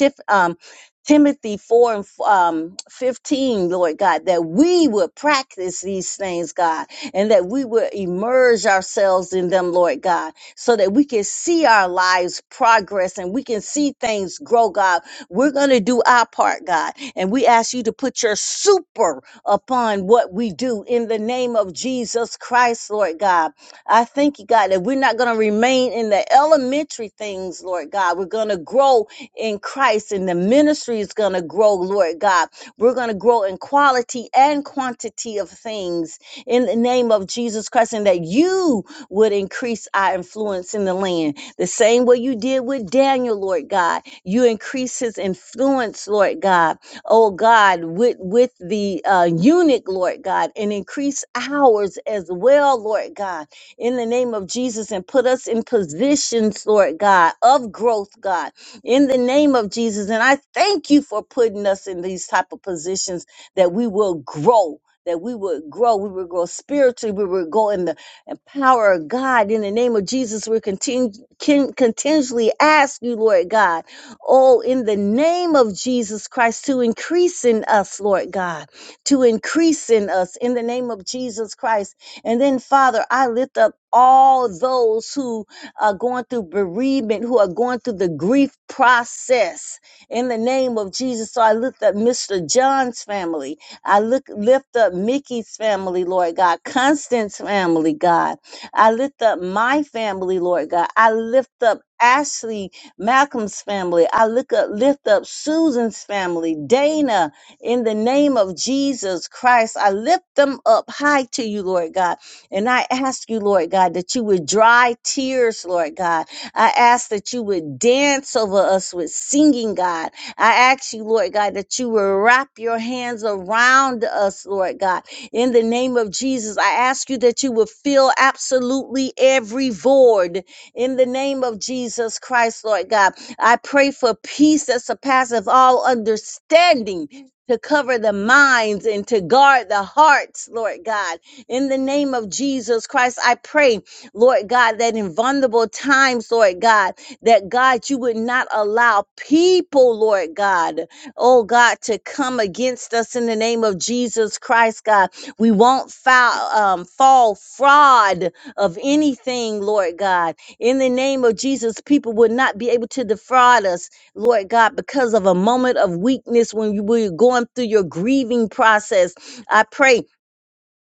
Speaker 2: Tif, um, Timothy 4 and um, 15, Lord God, that we would practice these things, God, and that we would immerse ourselves in them, Lord God so that we can see our lives progress and we can see things grow, God. We're going to do our part, God. And we ask you to put your super upon what we do in the name of Jesus Christ, Lord God. I thank you, God, that we're not going to remain in the elementary things, Lord God. We're going to grow in Christ and the ministry is going to grow, Lord God. We're going to grow in quality and quantity of things in the name of Jesus Christ and that you would increase our influence in the land. The same way you did with Daniel, Lord God. You increase his influence, Lord God. Oh God, with, with the uh, eunuch, Lord God, and increase ours as well, Lord God, in the name of Jesus, and put us in positions, Lord God, of growth, God, in the name of Jesus. And I thank you for putting us in these type of positions that we will grow. That we would grow, we would grow spiritually, we would grow in the and power of God in the name of Jesus. We continue can continually ask you, Lord God, oh, in the name of Jesus Christ, to increase in us, Lord God, to increase in us in the name of Jesus Christ. And then, Father, I lift up all those who are going through bereavement, who are going through the grief process in the name of Jesus. So I lift up Mr. John's family. I look lift up Mickey's family, Lord God, Constance's family, God. I lift up my family, Lord God. I lift up Ashley Malcolm's family. I look up lift up Susan's family, Dana, in the name of Jesus Christ. I lift them up high to you, Lord God. And I ask you, Lord God, that you would dry tears, Lord God. I ask that you would dance over us with singing, God. I ask you, Lord God, that you will wrap your hands around us, Lord God. In the name of Jesus, I ask you that you will fill absolutely every void. In the name of Jesus Christ, Lord God, I pray for peace that surpasses all understanding. To cover the minds and to guard the hearts, Lord God. In the name of Jesus Christ, I pray, Lord God, that in vulnerable times, Lord God, that God, you would not allow people, Lord God, oh God, to come against us in the name of Jesus Christ, God. We won't foul, um, fall fraud of anything, Lord God. In the name of Jesus, people would not be able to defraud us, Lord God, because of a moment of weakness when you were going through your grieving process. I pray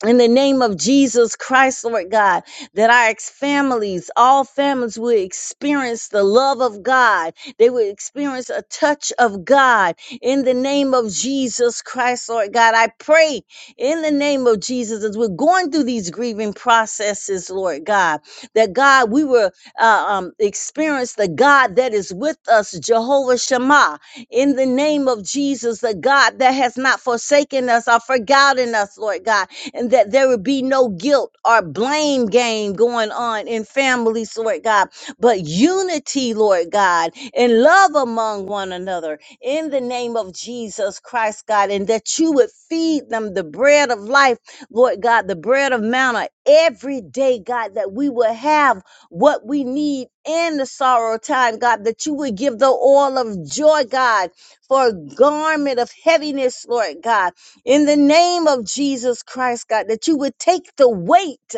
Speaker 2: in the name of Jesus Christ, Lord God, that our ex- families, all families will experience the love of God. They will experience a touch of God in the name of Jesus Christ, Lord God. I pray in the name of Jesus as we're going through these grieving processes, Lord God, that God, we will uh, um, experience the God that is with us, Jehovah Shammah. in the name of Jesus, the God that has not forsaken us or forgotten us, Lord God and that there would be no guilt or blame game going on in families, Lord God, but unity, Lord God, and love among one another in the name of Jesus Christ, God, and that you would feed them the bread of life, Lord God, the bread of manna every day, God, that we will have what we need in the sorrow time, God, that you would give the oil of joy, God, for a garment of heaviness, Lord God in the name of Jesus Christ, God, that you would take the weight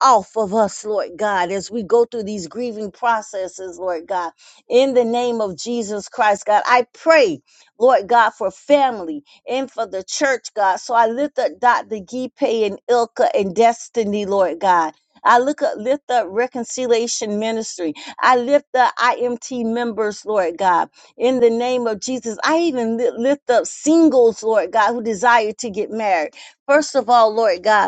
Speaker 2: off of us, Lord God, as we go through these grieving processes, Lord God, in the name of Jesus Christ, God. I pray, Lord God, for family and for the church, God. So I lift up Dr. Gipe and Ilka and Destiny, Lord God. I look up, lift up Reconciliation Ministry. I lift up IMT members, Lord God in the name of Jesus. I even li- lift up singles, Lord God, who desire to get married. First of all, Lord God,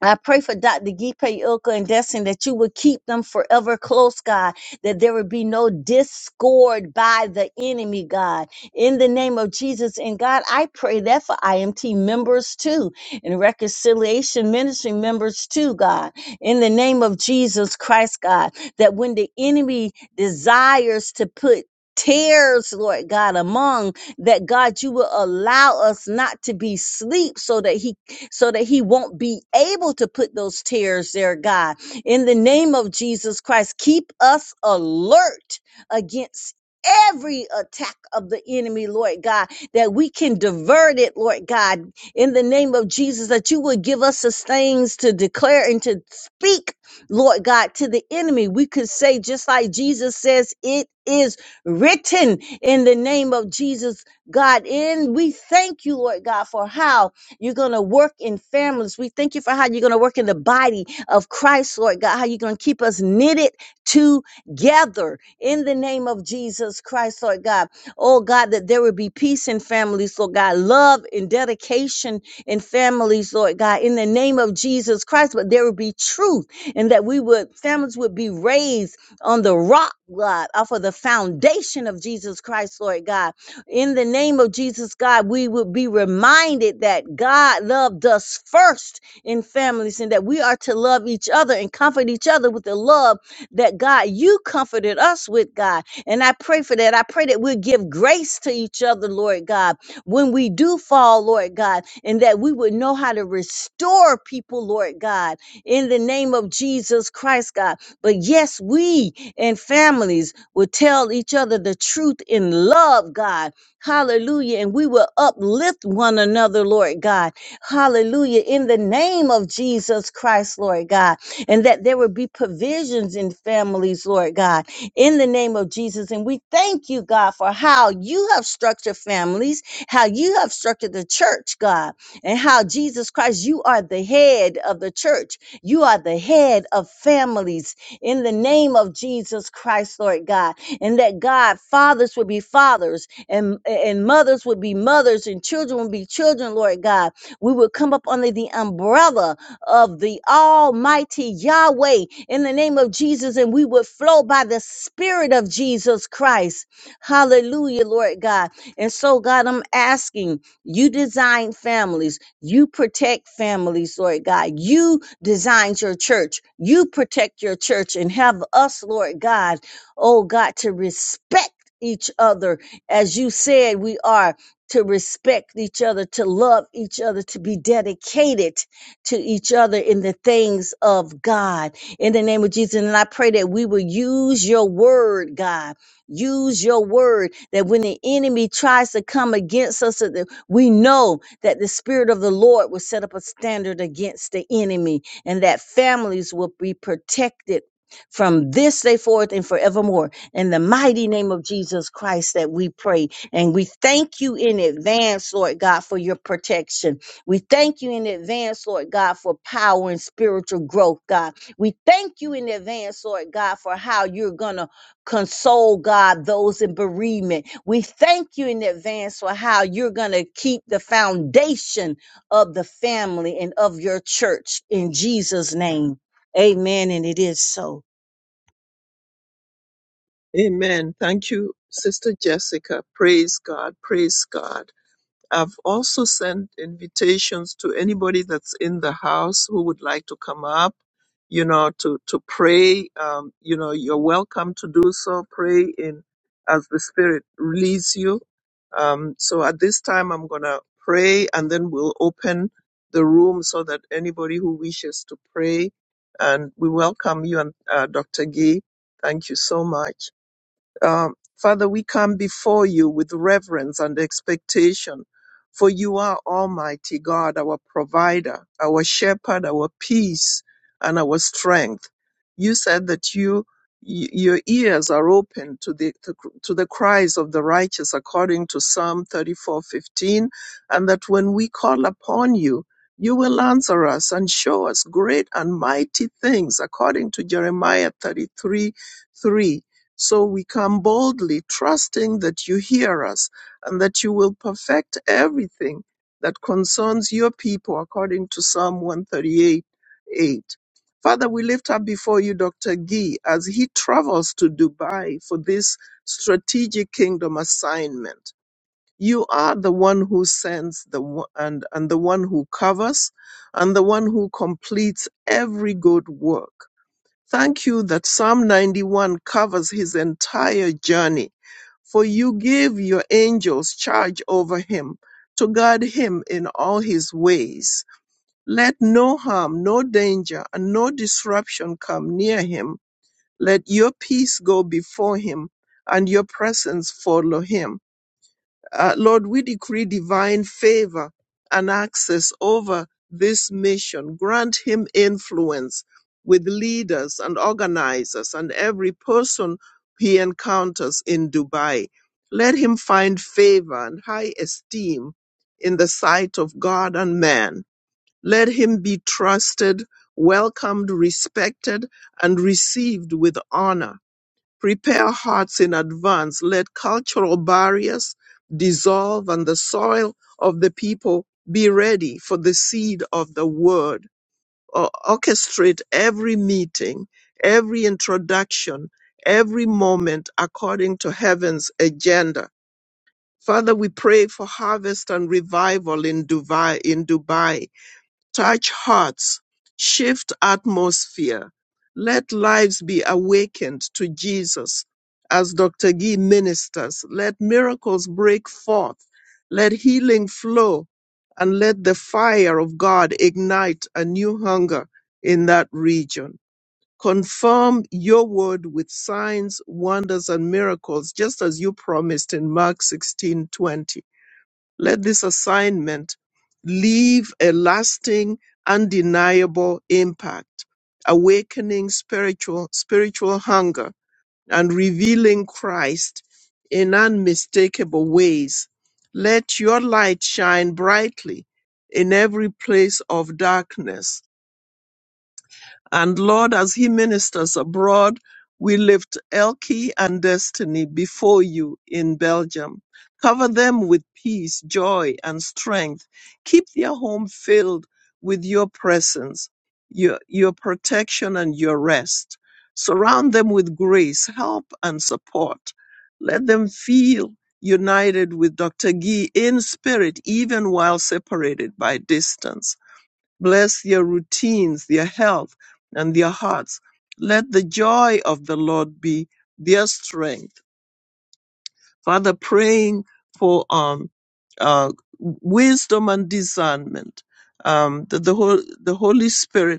Speaker 2: I pray for Dr. Gipe Ilka and Destiny that you would keep them forever close, God, that there would be no discord by the enemy, God, in the name of Jesus. And God, I pray that for IMT members too, and reconciliation ministry members too, God, in the name of Jesus Christ, God, that when the enemy desires to put Tears, Lord God, among that God, you will allow us not to be sleep so that He so that he won't be able to put those tears there, God. In the name of Jesus Christ, keep us alert against every attack of the enemy, Lord God, that we can divert it, Lord God, in the name of Jesus, that you would give us the things to declare and to speak, Lord God, to the enemy. We could say, just like Jesus says, it is written in the name of Jesus, God. And we thank you, Lord God, for how you're going to work in families. We thank you for how you're going to work in the body of Christ, Lord God, how you're going to keep us knitted together in the name of Jesus Christ, Lord God. Oh God, that there would be peace in families, Lord God, love and dedication in families, Lord God, in the name of Jesus Christ, but there would be truth and that we would, families would be raised on the rock, God, off of the foundation of Jesus Christ, Lord God in the name of Jesus, God, we would be reminded that God loved us first in families and that we are to love each other and comfort each other with the love that God, you comforted us with, God. And I pray for that. I pray that we'll give grace to each other, Lord God, when we do fall, Lord God, and that we would know how to restore people, Lord God, in the name of Jesus Christ, God. But yes, we and families will tell each other the truth in love, God Hallelujah. And we will uplift one another, Lord God. Hallelujah. In the name of Jesus Christ, Lord God. And that there will be provisions in families, Lord God, in the name of Jesus. And we thank you, God, for how you have structured families, how you have structured the church, God, and how Jesus Christ, you are the head of the church. You are the head of families in the name of Jesus Christ, Lord God. And that God, fathers will be fathers, and and mothers would be mothers and children would be children lord god we would come up under the umbrella of the almighty yahweh in the name of jesus and we would flow by the spirit of jesus christ hallelujah lord god and so god i'm asking you design families you protect families lord god you designed your church you protect your church and have us lord god oh god to respect each other as you said, we are to respect each other, to love each other, to be dedicated to each other in the things of God. In the name of Jesus. And I pray that we will use your word, God. Use your word that when the enemy tries to come against us, that we know that the Spirit of the Lord will set up a standard against the enemy and that families will be protected from this day forth and forevermore in the mighty name of Jesus Christ that we pray. And we thank you in advance, Lord God, for your protection. We thank you in advance, Lord God, for power and spiritual growth, God. We thank you in advance, Lord God, for how you're going to console, God, those in bereavement. We thank you in advance for how you're going to keep the foundation of the family and of your church in Jesus' name. Amen. And it is so.
Speaker 1: Amen. Thank you, Sister Jessica. Praise God. Praise God. I've also sent invitations to anybody that's in the house who would like to come up, you know, to, to pray. Um, you know, you're welcome to do so. Pray in as the Spirit leads you. Um, so at this time, I'm going to pray and then we'll open the room so that anybody who wishes to pray and we welcome you and uh, Dr. Gee. Thank you so much. Um, Father, we come before you with reverence and expectation, for you are Almighty God, our provider, our shepherd, our peace, and our strength. You said that you y- your ears are open to the to, to the cries of the righteous according to psalm 34:15 and that when we call upon you you will answer us and show us great and mighty things according to jeremiah 33:3 so we come boldly, trusting that you hear us and that you will perfect everything that concerns your people, according to Psalm 138 8. Father, we lift up before you Dr. Gee as he travels to Dubai for this strategic kingdom assignment. You are the one who sends the one, and, and the one who covers and the one who completes every good work. Thank you that Psalm 91 covers his entire journey, for you give your angels charge over him to guard him in all his ways. Let no harm, no danger, and no disruption come near him. Let your peace go before him and your presence follow him. Uh, Lord, we decree divine favor and access over this mission. Grant him influence with leaders and organizers and every person he encounters in Dubai. Let him find favor and high esteem in the sight of God and man. Let him be trusted, welcomed, respected, and received with honor Prepare hearts in advance. Let cultural barriers dissolve and the soil of the people be ready for the seed of the word. Or orchestrate every meeting, every introduction, every moment according to heaven's agenda. Father, we pray for harvest and revival in Dubai, in Dubai touch hearts, shift atmosphere. Let lives be awakened to Jesus. As Dr. Gee ministers, let miracles break forth, let healing flow, and let the fire of God ignite a new hunger in that region. Confirm your word with signs, wonders, and miracles, just as you promised in Mark 16:20. Let this assignment leave a lasting, undeniable impact, awakening spiritual, spiritual hunger and revealing Christ in unmistakable ways. Let your light shine brightly in every place of darkness and Lord, as he ministers abroad, we lift Elkie and Destiny before you in Belgium. Cover them with peace, joy, and strength. Keep their home filled with your presence, your, your protection, and your rest. Surround them with grace, help, and support. Let them feel united with Dr. Gee in spirit, even while separated by distance. Bless their routines, their health, and their hearts. Let the joy of the Lord be their strength. Father, praying for um, uh, wisdom and discernment, um, that the, Hol- the Holy Spirit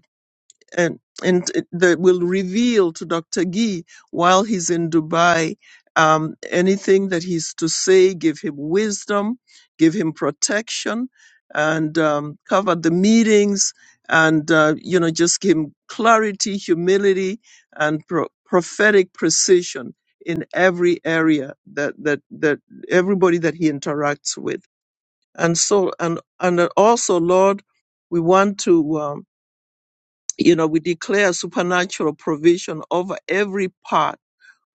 Speaker 1: and and it- that will reveal to Dr. Gee while he's in Dubai um, anything that he's to say, give him wisdom, give him protection, and um, cover the meetings, and uh, you know just give him clarity, humility, and pro- prophetic precision in every area that that that everybody that he interacts with, and so and and also Lord, we want to. Um, you know, we declare supernatural provision over every part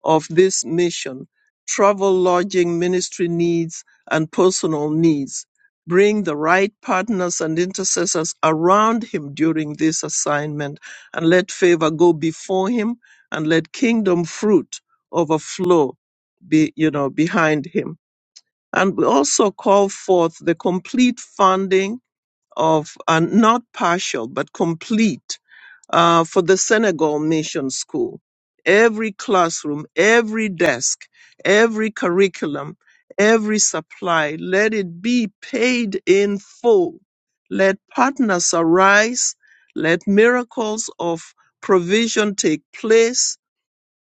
Speaker 1: of this mission travel, lodging, ministry needs, and personal needs. Bring the right partners and intercessors around him during this assignment, and let favor go before him, and let kingdom fruit overflow, be, you know, behind him. And we also call forth the complete funding of, and not partial, but complete uh, for the Senegal Mission School. Every classroom, every desk, every curriculum, every supply, let it be paid in full. Let partners arise. Let miracles of provision take place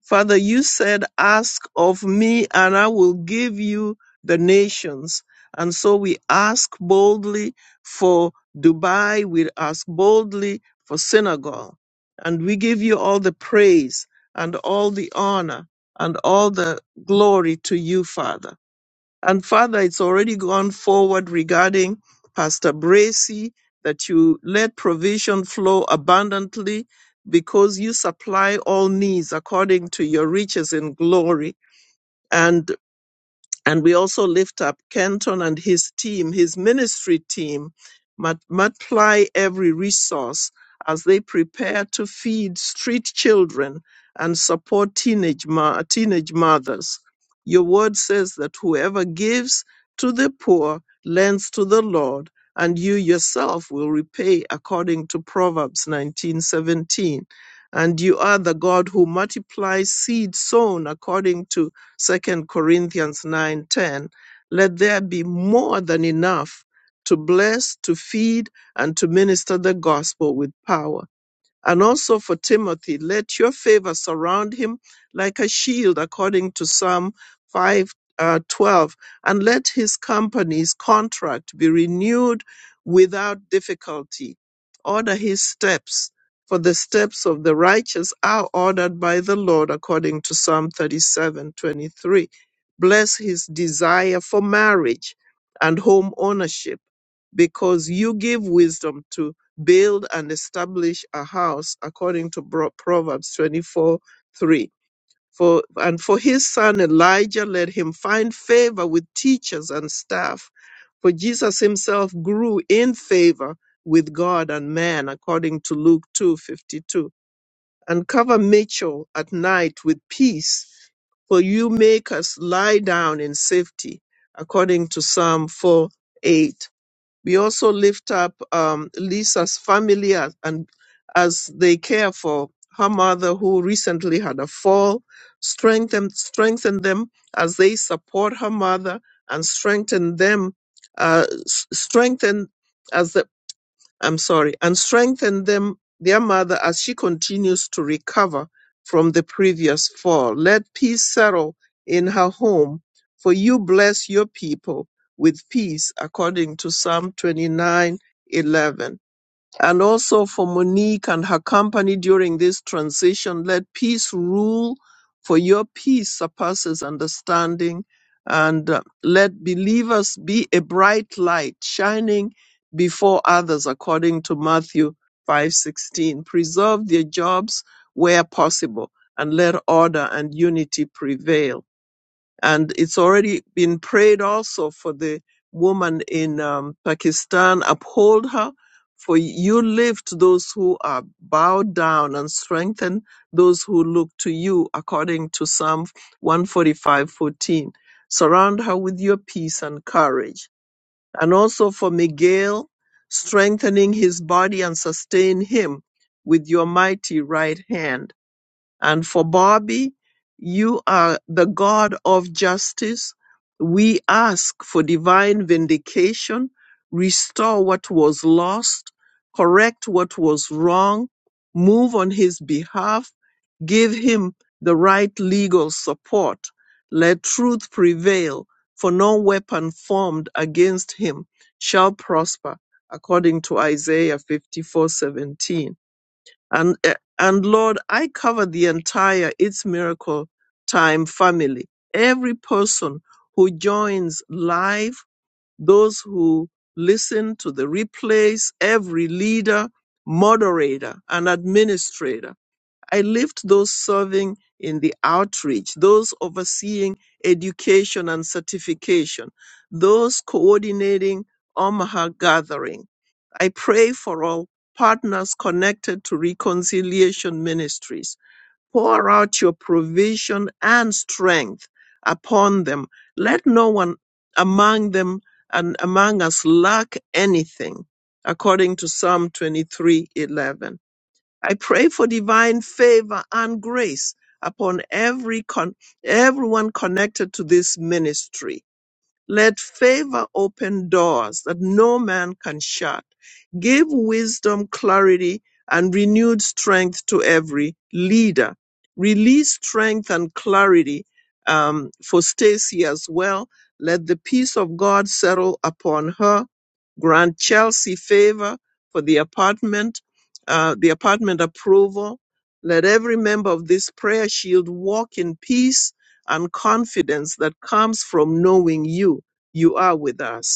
Speaker 1: Father, you said, Ask of me, and I will give you the nations. And so we ask boldly for Dubai, we ask boldly for Senegal. And we give you all the praise and all the honor and all the glory to you, Father. And Father, it's already gone forward regarding Pastor Bracy that you let provision flow abundantly because you supply all needs according to your riches in glory. And and we also lift up Kenton and his team, his ministry team, mut- multiply every resource as they prepare to feed street children and support teenage, ma- teenage mothers. Your word says that whoever gives to the poor lends to the Lord, and you yourself will repay according to Proverbs 19:17. And you are the God who multiplies seed sown according to Second Corinthians 9:10, let there be more than enough to bless, to feed, and to minister the gospel with power and also for Timothy, let your favor surround him like a shield, according to Psalm 5 uh, 12, and let his company's contract be renewed without difficulty. Order his steps, for the steps of the righteous are ordered by the Lord, according to Psalm 37:23. Bless his desire for marriage and home ownership, because you give wisdom build and establish a house according to Bro- Proverbs 24 3. For, and for his son Elijah, let him find favor with teachers and staff. For Jesus himself grew in favor with God and man, according to Luke two fifty two. And cover Mitchell at night with peace, for you make us lie down in safety, according to Psalm 4:8. We also lift up um, Lisa's family as, and as they care for her mother who recently had a fall. Strengthen, strengthen them as they support her mother and strengthen them, uh, s- strengthen as the I'm sorry, and strengthen them, their mother, as she continues to recover from the previous fall. Let peace settle in her home, for you bless your people with peace, according to Psalm 29:11 and also for Monique and her company during this transition. Let peace rule, for your peace surpasses understanding. And uh, let believers be a bright light shining before others, according to Matthew 5:16. Preserve their jobs where possible, and let order and unity prevail and it's already been prayed also for the woman in um, Pakistan. Uphold her, for you lift those who are bowed down and strengthen those who look to you, according to Psalm 145:14. Surround her with your peace and courage, and also for Miguel, strengthening his body and sustain him with your mighty right hand and for Bobby, you are the God of justice. We ask for divine vindication, restore what was lost, correct what was wrong, move on his behalf, give him the right legal support. Let truth prevail, for no weapon formed against him shall prosper, according to Isaiah 54:17. And, eh, and Lord, I cover the entire It's Miracle Time family. Every person who joins live, those who listen to the replays, every leader, moderator, and administrator. I lift those serving in the outreach, those overseeing education and certification, those coordinating Omaha gathering. I pray for all partners connected to reconciliation ministries. Pour out your provision and strength upon them. Let no one among them and among us lack anything, according to Psalm 23:11. I pray for divine favor and grace upon every con- everyone connected to this ministry. Let favor open doors that no man can shut. Give wisdom, clarity, and renewed strength to every leader. Release strength and clarity um, for Stacy as well. Let the peace of God settle upon her. Grant Chelsea favor for the apartment, uh, the apartment approval. Let every member of this prayer shield walk in peace and confidence that comes from knowing you, you are with us.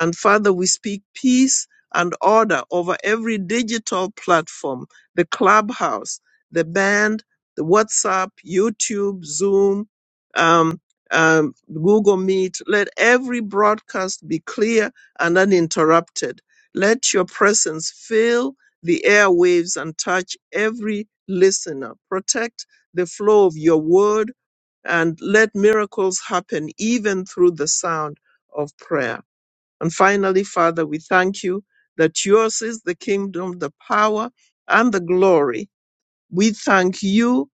Speaker 1: And Father, we speak peace and order over every digital platform, the clubhouse, the band, the WhatsApp, YouTube, Zoom, um, um, Google Meet. Let every broadcast be clear and uninterrupted. Let your presence fill the airwaves and touch every listener. Protect the flow of your word and let miracles happen even through the sound of prayer. And finally, Father, we thank you that yours is the kingdom, the power, and the glory we thank you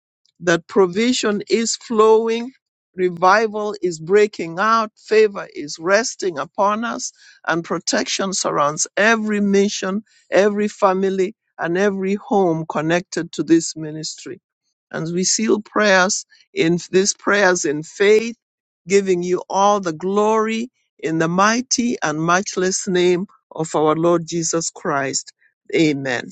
Speaker 1: that provision is flowing, revival is breaking out, favor is resting upon us, and protection surrounds every mission, every family, and every home connected to this ministry. And we seal prayers in these prayers in faith, giving you all the glory in the mighty and matchless name of our Lord Jesus Christ. Amen.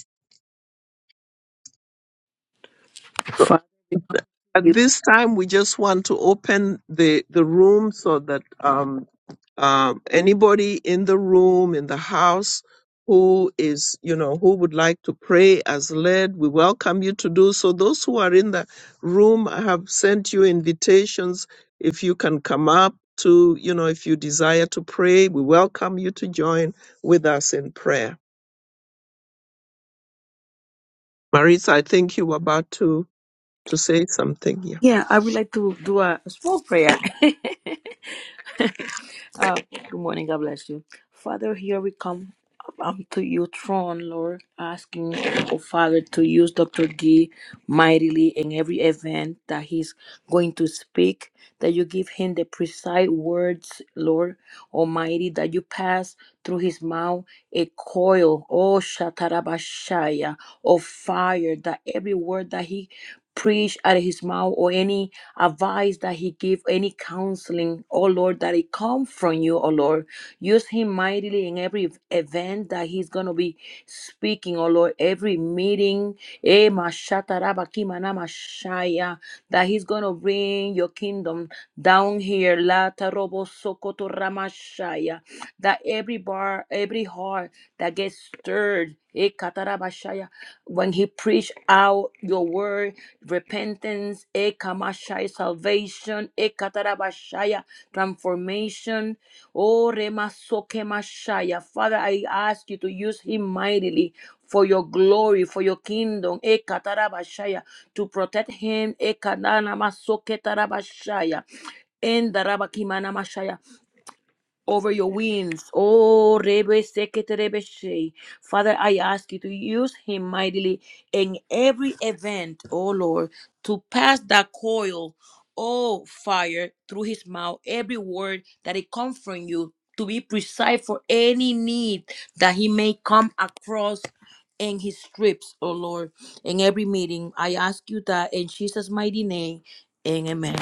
Speaker 1: At this time, we just want to open the, the room so that um, um, anybody in the room, in the house, who is, you know, who would like to pray as led, we welcome you to do so. Those who are in the room, I have sent you invitations. If you can come up to, you know, if you desire to pray, we welcome you to join with us in prayer. Marisa, I think you were about to, to say something here.
Speaker 3: Yeah, I would like to do a small prayer. (laughs) Uh, (laughs) good morning. God bless you. Father, here we come um, to your throne, Lord, asking, oh Father, to use Dr. D mightily in every event that he's going to speak, that you give him the precise words, Lord Almighty, that you pass through his mouth a coil, oh Shatarabashaya, of fire, that every word that he preach out of his mouth or any advice that he give, any counseling, oh Lord, that it come from you, oh Lord. Use him mightily in every event that he's gonna be speaking, oh Lord, every meeting, eh, mashatarabakimanamashiah, that he's gonna bring your kingdom down here, latarobosokotoramashaya, that every bar, every heart that gets stirred, eh, katarabashaya, when he preach out your word repentance, ekamashai, salvation, ekatarabashaya, transformation. Oh, remasokemashaya. Father, I ask you to use him mightily for your glory, for your kingdom, ekatarabashaya, to protect him, ekananamasoketa rabashaya. In the over your winds. Oh, Rebe Sekete Rebe Shei. Father, I ask you to use him mightily in every event, oh Lord, to pass that coil, oh fire, through his mouth, every word that it comes from you, to be precise for any need that he may come across in his trips, oh Lord, in every meeting. I ask you that in Jesus' mighty name. and Amen.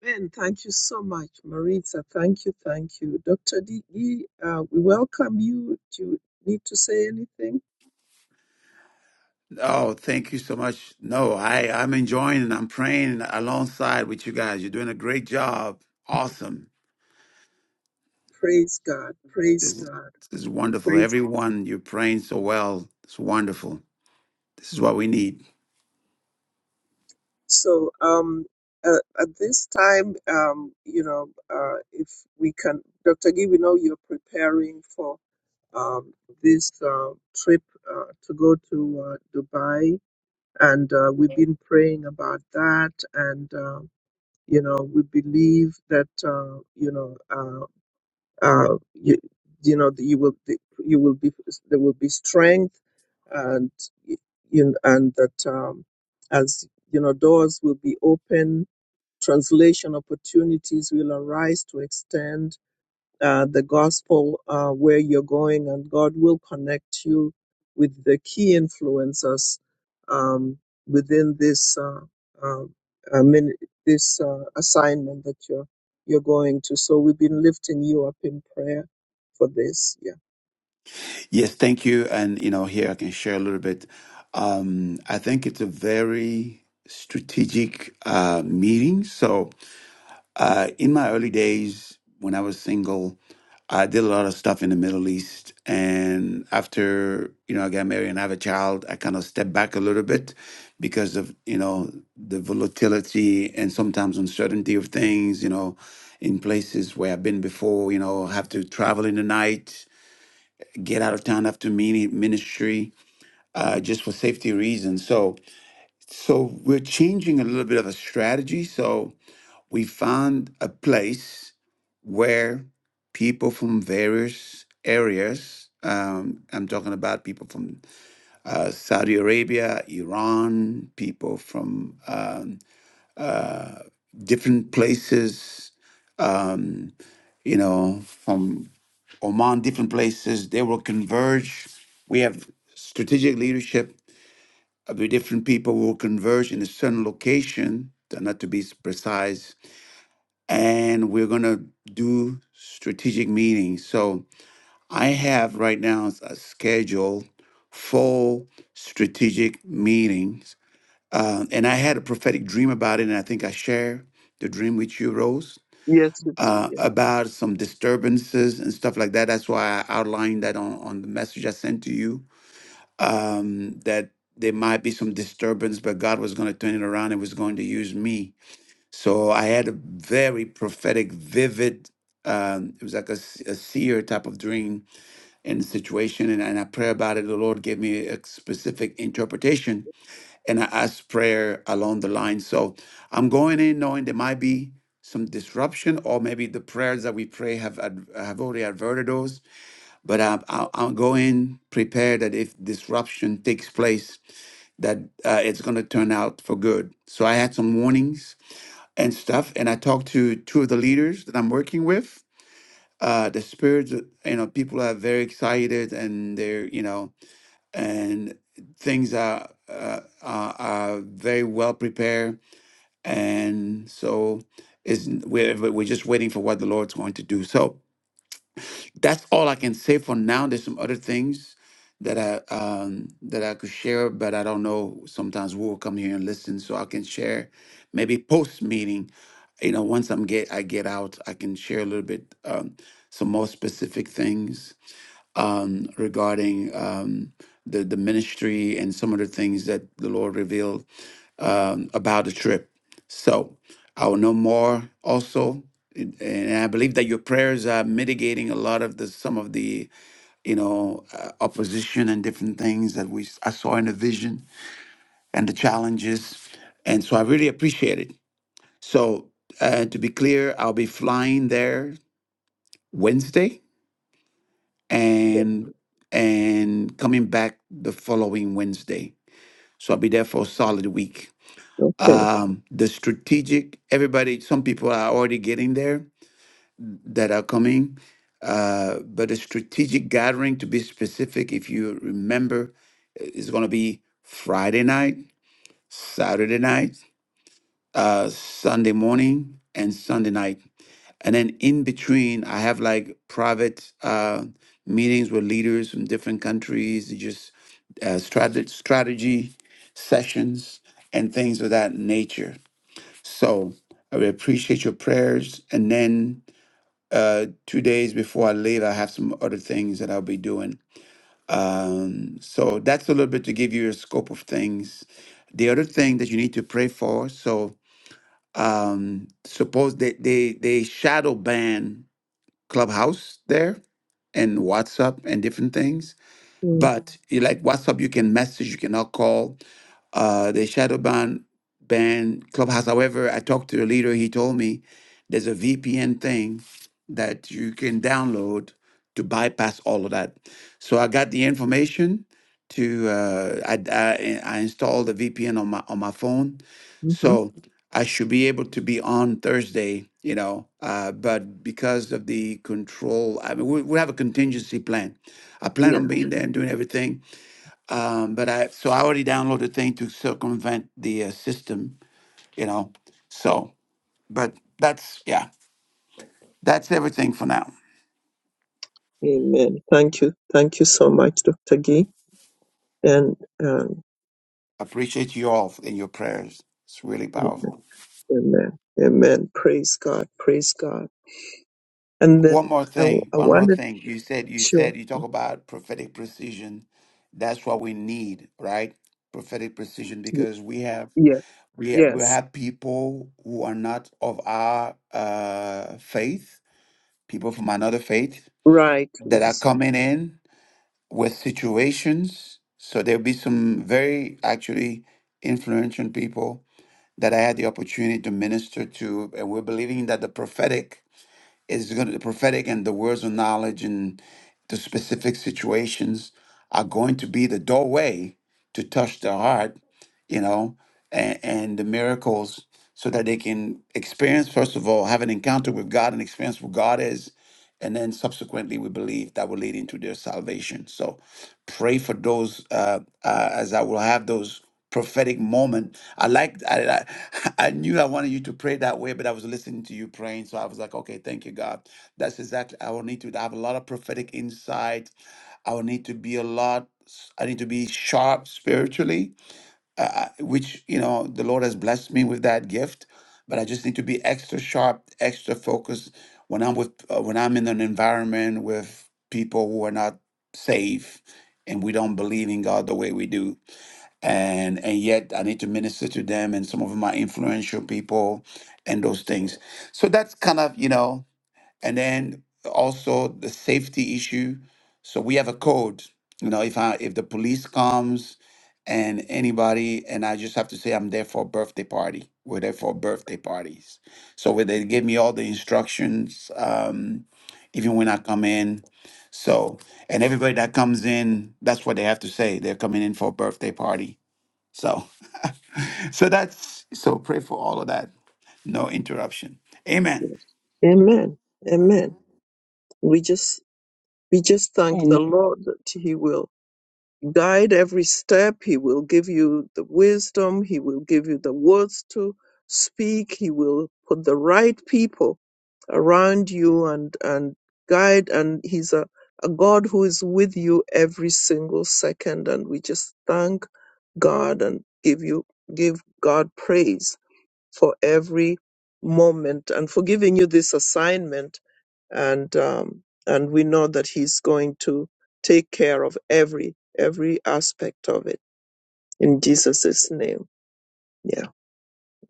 Speaker 1: Ben, thank you so much. Maritza, thank you, thank you. Dr. Digi, uh, we welcome you. Do you need to say anything?
Speaker 5: Oh, thank you so much. No, I, I'm enjoying and I'm praying alongside with you guys. You're doing a great job. Awesome.
Speaker 1: Praise God, praise
Speaker 5: This is,
Speaker 1: God,
Speaker 5: this is wonderful.
Speaker 1: praise.
Speaker 5: Everyone, you're praying so well. It's wonderful. This is what we need.
Speaker 1: So, um, uh, at this time, um, you know, uh, if we can, Dr. Gee, we know you're preparing for um, this uh, trip uh, to go to uh, Dubai, and uh, we've been praying about that, and uh, you know, we believe that uh, you know. uh, uh, you, you know you will be, you will be there will be strength and y- in and that um, as you know doors will be open translation opportunities will arise to extend uh, the gospel uh, where you're going, and God will connect you with the key influencers um, within this uh, uh, uh, min- this uh, assignment that you're you're going to. So we've been lifting you up in prayer for this. Yeah.
Speaker 5: Yes, thank you. And, you know, here I can share a little bit. Um, I think it's a very strategic uh, meeting. So, Uh, in my early days, when I was single, I did a lot of stuff in the Middle East. And after, you know, I got married and I have a child, I kind of stepped back a little bit because of, you know, the volatility and sometimes uncertainty of things, you know, in places where I've been before, you know, have to travel in the night, get out of town after mini- ministry, uh, just for safety reasons. So, so we're changing a little bit of a strategy. So, we found a place where people from various areas, um, I'm talking about people from uh, Saudi Arabia, Iran, people from um, different places, um, you know, from Oman, different places, they will converge. We have strategic leadership of the different people will converge in a certain location, not to be precise, and we're going to do strategic meetings. So I have right now a schedule full strategic meetings. Uh, and I had a prophetic dream about it, and I think I share the dream with you, Rose,
Speaker 1: Yes, it is.
Speaker 5: uh,
Speaker 1: Yes.
Speaker 5: about some disturbances and stuff like that. That's why I outlined that on, on the message I sent to you um, that there might be some disturbance, but God was going to turn it around and was going to use me so I had a very prophetic, vivid, um, it was like a, s- a seer type of dream and situation. And, and I pray about it. The Lord gave me a specific interpretation and I asked prayer along the line. So I'm going in knowing there might be some disruption or maybe the prayers that we pray have ad- have already averted those. But I, I, I'll go in prepared that if disruption takes place, that uh, it's going to turn out for good. So I had some warnings and stuff. And I talked to two of the leaders that I'm working with. Uh, the spirits, are- you know, people are very excited and they're, you know, and things are, uh, are, are very well prepared. And so is we're, we're just waiting for what the Lord's going to do. So, that's all I can say for now. There's some other things that I um, that I could share, but I don't know. Sometimes we will come here and listen, so I can share. Maybe post meeting, you know, once I'm get I get out, I can share a little bit um, some more specific things um, regarding um, the the ministry and some of the things that the Lord revealed um, about the trip. So I will know more also. And and I believe that your prayers are mitigating a lot of the some of the you know uh, opposition and different things that we s- I saw in the vision and the challenges, and so I really appreciate it. So uh, to be clear, I'll be flying there Wednesday
Speaker 1: yes.
Speaker 5: and and coming back the following Wednesday. So I'll be there for a solid week.
Speaker 1: Okay.
Speaker 5: um, the strategic everybody some people are already getting there that are coming uh, but the strategic gathering to be specific if you remember i- is going to be friday night saturday night uh, sunday morning and sunday night and then in between i have like private uh, meetings with leaders from different countries just uh, strate- strategy sessions and things of that nature so I would appreciate your prayers. And then uh, two days before I leave, I have some other things that I'll be doing. Um, so that's a little bit to give you a scope of things. The other thing that you need to pray for. So um, suppose they, they they shadow ban Clubhouse there and WhatsApp and different things but you like WhatsApp, you can message, you cannot call. Uh, the shadow ban ban clubhouse. However, I talked to the leader. He told me there's a VPN thing that you can download to bypass all of that. So I got the information to uh, I, I I installed the VPN on my on my phone.
Speaker 1: Mm-hmm.
Speaker 5: So I should be able to be on Thursday, you know, uh, but because of the control, I mean, we, we have a contingency plan I plan
Speaker 1: Yeah.
Speaker 5: on being there and doing everything. Um, but I so I already downloaded the thing to circumvent the uh, system, you know. So, but that's yeah, that's everything for now.
Speaker 1: Amen. Thank you. Thank you so much, Dr. Gee. And um,
Speaker 5: Appreciate you all in your prayers. It's really powerful.
Speaker 1: amen. Amen. Praise God. Praise God. And
Speaker 5: One
Speaker 1: then
Speaker 5: more
Speaker 1: I, w-
Speaker 5: thing.
Speaker 1: I
Speaker 5: One more
Speaker 1: wanted,
Speaker 5: thing. You said you
Speaker 1: sure.
Speaker 5: said you talk about prophetic precision. That's what we need, right? Prophetic precision
Speaker 1: y-
Speaker 5: because we have
Speaker 1: Yeah.
Speaker 5: we have, we
Speaker 1: Yes.
Speaker 5: have people who are not of our uh, faith, people from another faith
Speaker 1: Right.
Speaker 5: that are
Speaker 1: Yes.
Speaker 5: coming in with situations. So there'll be some very actually influential people that I had the opportunity to minister to. And we're believing that the prophetic is going to the prophetic and the words of knowledge and the specific situations are going to be the doorway to touch the heart, you know, and, and the miracles so that they can experience, first of all, have an encounter with God and experience who God is. And then subsequently, we believe that will lead into their salvation. So Pray for those uh, uh, as I will have those prophetic moment. I like I, I (laughs) I knew I wanted you to pray that way, but I was listening to you praying, so I was like, okay, thank you, God. That's exactly I will need to have a lot of prophetic insight. I will need to be a lot. I need to be sharp spiritually uh, which you know the Lord has blessed me with that gift. But I just need to be extra sharp, extra focused when I'm with uh, when I'm in an environment with people who are not safe and we don't believe in God the way we do. And and yet I need to minister to them and some of them are influential people and those things. So that's kind of, you know, and then also the safety issue. So we have a code. You know, if I if the police comes and anybody and I just have to say I'm there for a birthday party. We're there for birthday parties. So where they give me all the instructions, um, even when I come in. So and everybody that comes in, that's what they have to say. They're coming in for a birthday party. So (laughs) so that's so pray for all of that. No interruption. Amen.
Speaker 1: Yes. Amen. Amen. We just, we just thank the
Speaker 2: And
Speaker 1: Lord that he will guide every step. He will give you the wisdom. He will give you the words to speak. He will put the right people around you and, and guide. And he's a, a God who is with you every single second. And we just thank God and give you, give God praise for every moment and for giving you this assignment. And um, and we know that He's going to take care of every every aspect of it in Jesus' name. Yeah,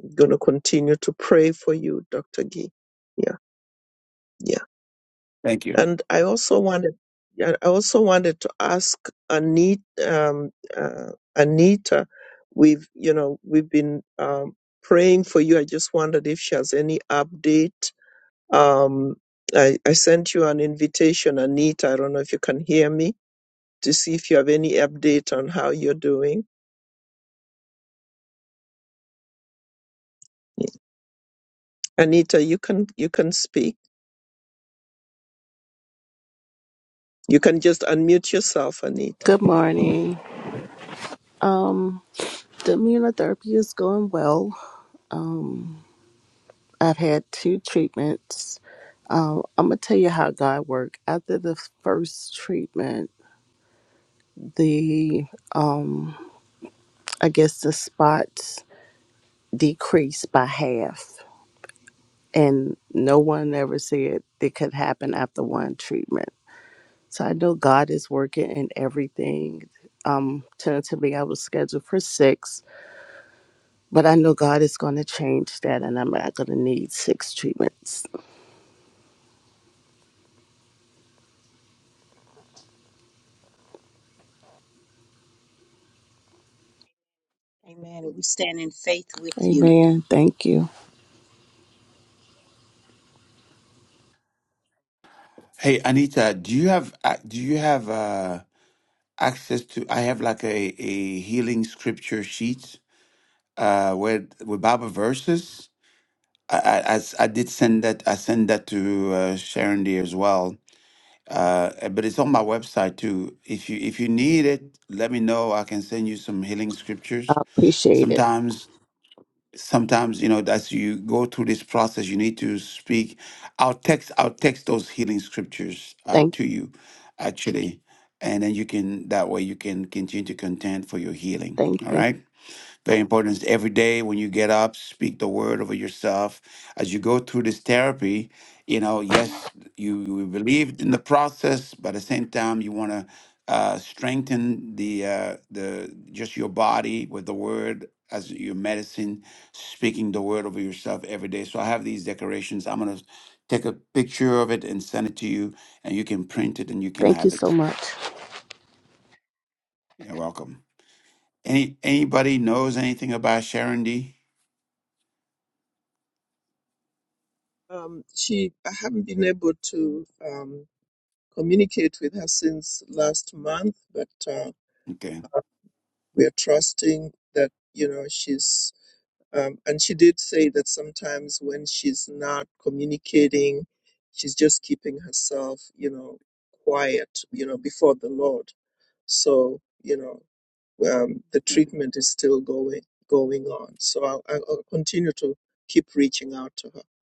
Speaker 1: I'm gonna continue to pray for you, Doctor Gee. Yeah, yeah.
Speaker 5: Thank you.
Speaker 1: And I also wanted, yeah, I also wanted to ask Anita. Um, uh, Anita, we've you know we've been um, praying for you. I just wondered if she has any update Um, I, I sent you an invitation, Anita. I don't know if you can hear me to see if you have any update on how you're doing. Anita, you can you can speak. You can just unmute yourself, Anita.
Speaker 6: Good morning. Um, the immunotherapy is going well. I've had two treatments. Um, I'm gonna tell you how God worked. After the first treatment, the um, I guess the spots decreased by half, and no one ever said it could happen after one treatment. So I know God is working in everything. Um, tentatively, I was scheduled for six, But I know God is going to change that, and I'm not going to need six treatments.
Speaker 2: Amen. And we stand in faith with you.
Speaker 6: Amen. Thank you.
Speaker 5: Hey Anita, do you have ac- do you have uh, access to? I have like a, a healing scripture sheet uh, where with Bible verses. I, I, I s- I did send that I sent that to uh, Sharon D as well, uh, eh, but it's on my website too. If you if you need it, let me know. I can send you some healing
Speaker 6: I
Speaker 5: scriptures.
Speaker 6: appreciate it.
Speaker 5: Sometimes sometimes you know as you go through this process you need to speak i'll text i'll text those healing scriptures uh,
Speaker 6: Thank you.
Speaker 5: to you actually and then you can that way you can continue to contend for your healing
Speaker 6: Thank
Speaker 5: all
Speaker 6: you.
Speaker 5: right very important is every day when you get up, speak the word over yourself. As you go through this therapy, you know, yes, you, you believe in the process, but at the same time, you want to uh, strengthen the uh, the just your body with the word as your medicine, speaking the word over yourself every day. So I have these decorations. I'm gonna take a picture of it and send it to you, and you can print it and you can
Speaker 6: Thank you
Speaker 5: have
Speaker 6: so
Speaker 5: it.
Speaker 6: much.
Speaker 5: You're welcome. Any anybody knows anything about Sharon D?
Speaker 1: Um, she, I haven't been able to. Um, communicate with her since last month, but uh,
Speaker 5: Okay.
Speaker 1: we are trusting that you know she's. Um, and she did say that sometimes when she's not communicating, she's just keeping herself, you know, quiet, you know, before the Lord. So you know, um, the treatment is still going going on. So I'll, I'll I'll continue to keep reaching out to her.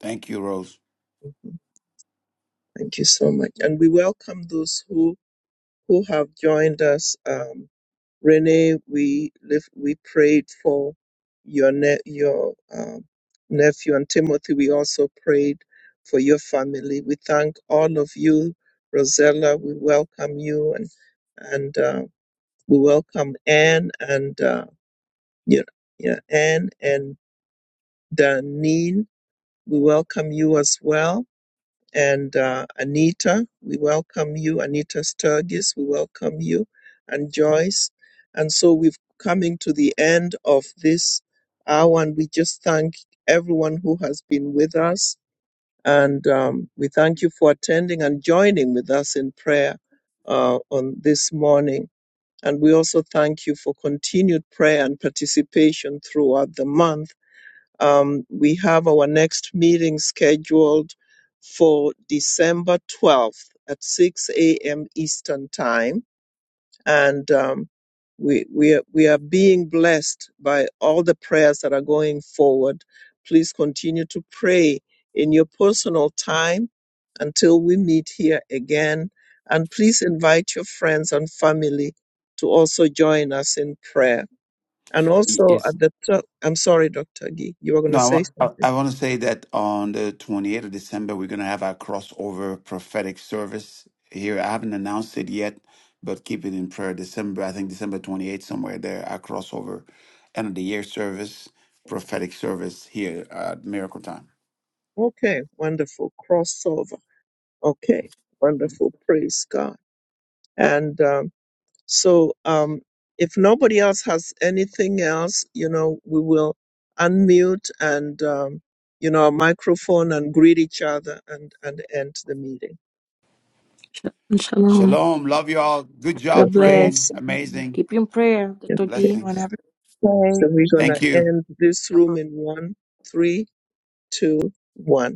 Speaker 5: Thank you, Rose.
Speaker 1: Mhm. Thank you so much, and we welcome those who who have joined us. Um, Renee, we lift, we prayed for your ne- your um, nephew and Timothy. We also prayed for your family. We thank all of you, Rosella. We welcome you and and uh, we welcome Anne and uh, yeah, yeah, Anne and Danine. We welcome you as well and uh, Anita, we welcome you. Anita Sturgis, we welcome you. And Joyce. And so we've coming to the end of this hour, and we just thank everyone who has been with us. And um, we thank you for attending and joining with us in prayer uh, on this morning. And we also thank you for continued prayer and participation throughout the month um, we have our next meeting scheduled for December 12th at 6 a.m. Eastern Time. And um, we, we, are, we are being blessed by all the prayers that are going forward. Please continue to pray in your personal time until we meet here again. And please invite your friends and family to also join us in prayer and
Speaker 5: Y-
Speaker 1: also
Speaker 5: Yes.
Speaker 1: at the top, I'm sorry, Dr. Gee, you were going
Speaker 5: No,
Speaker 1: to
Speaker 5: I
Speaker 1: say
Speaker 5: want, I,
Speaker 1: something.
Speaker 5: I want to say that on the 28th of December, we're going to have our crossover prophetic service here. I haven't announced it yet, but keep it in prayer. December, I think December 28th, somewhere there, our crossover end of the year service, prophetic service here at Miracle Time.
Speaker 1: Okay, wonderful crossover. Okay, wonderful. Praise God. And um, so, um, if nobody else has anything else, you know, we will unmute and um, you know our microphone and greet each other and and end the meeting.
Speaker 3: Shalom.
Speaker 5: Shalom. Love you all. Good job
Speaker 3: God
Speaker 1: Okay,
Speaker 3: bless.
Speaker 5: praying.
Speaker 2: Bless.
Speaker 5: Amazing.
Speaker 3: Keep you in prayer, Dr.
Speaker 1: okay.
Speaker 3: Gee.
Speaker 4: Everyone
Speaker 5: Blessings.
Speaker 4: have a good day.
Speaker 1: So we're gonna
Speaker 5: Thank you.
Speaker 1: end this room in one, three, two, one.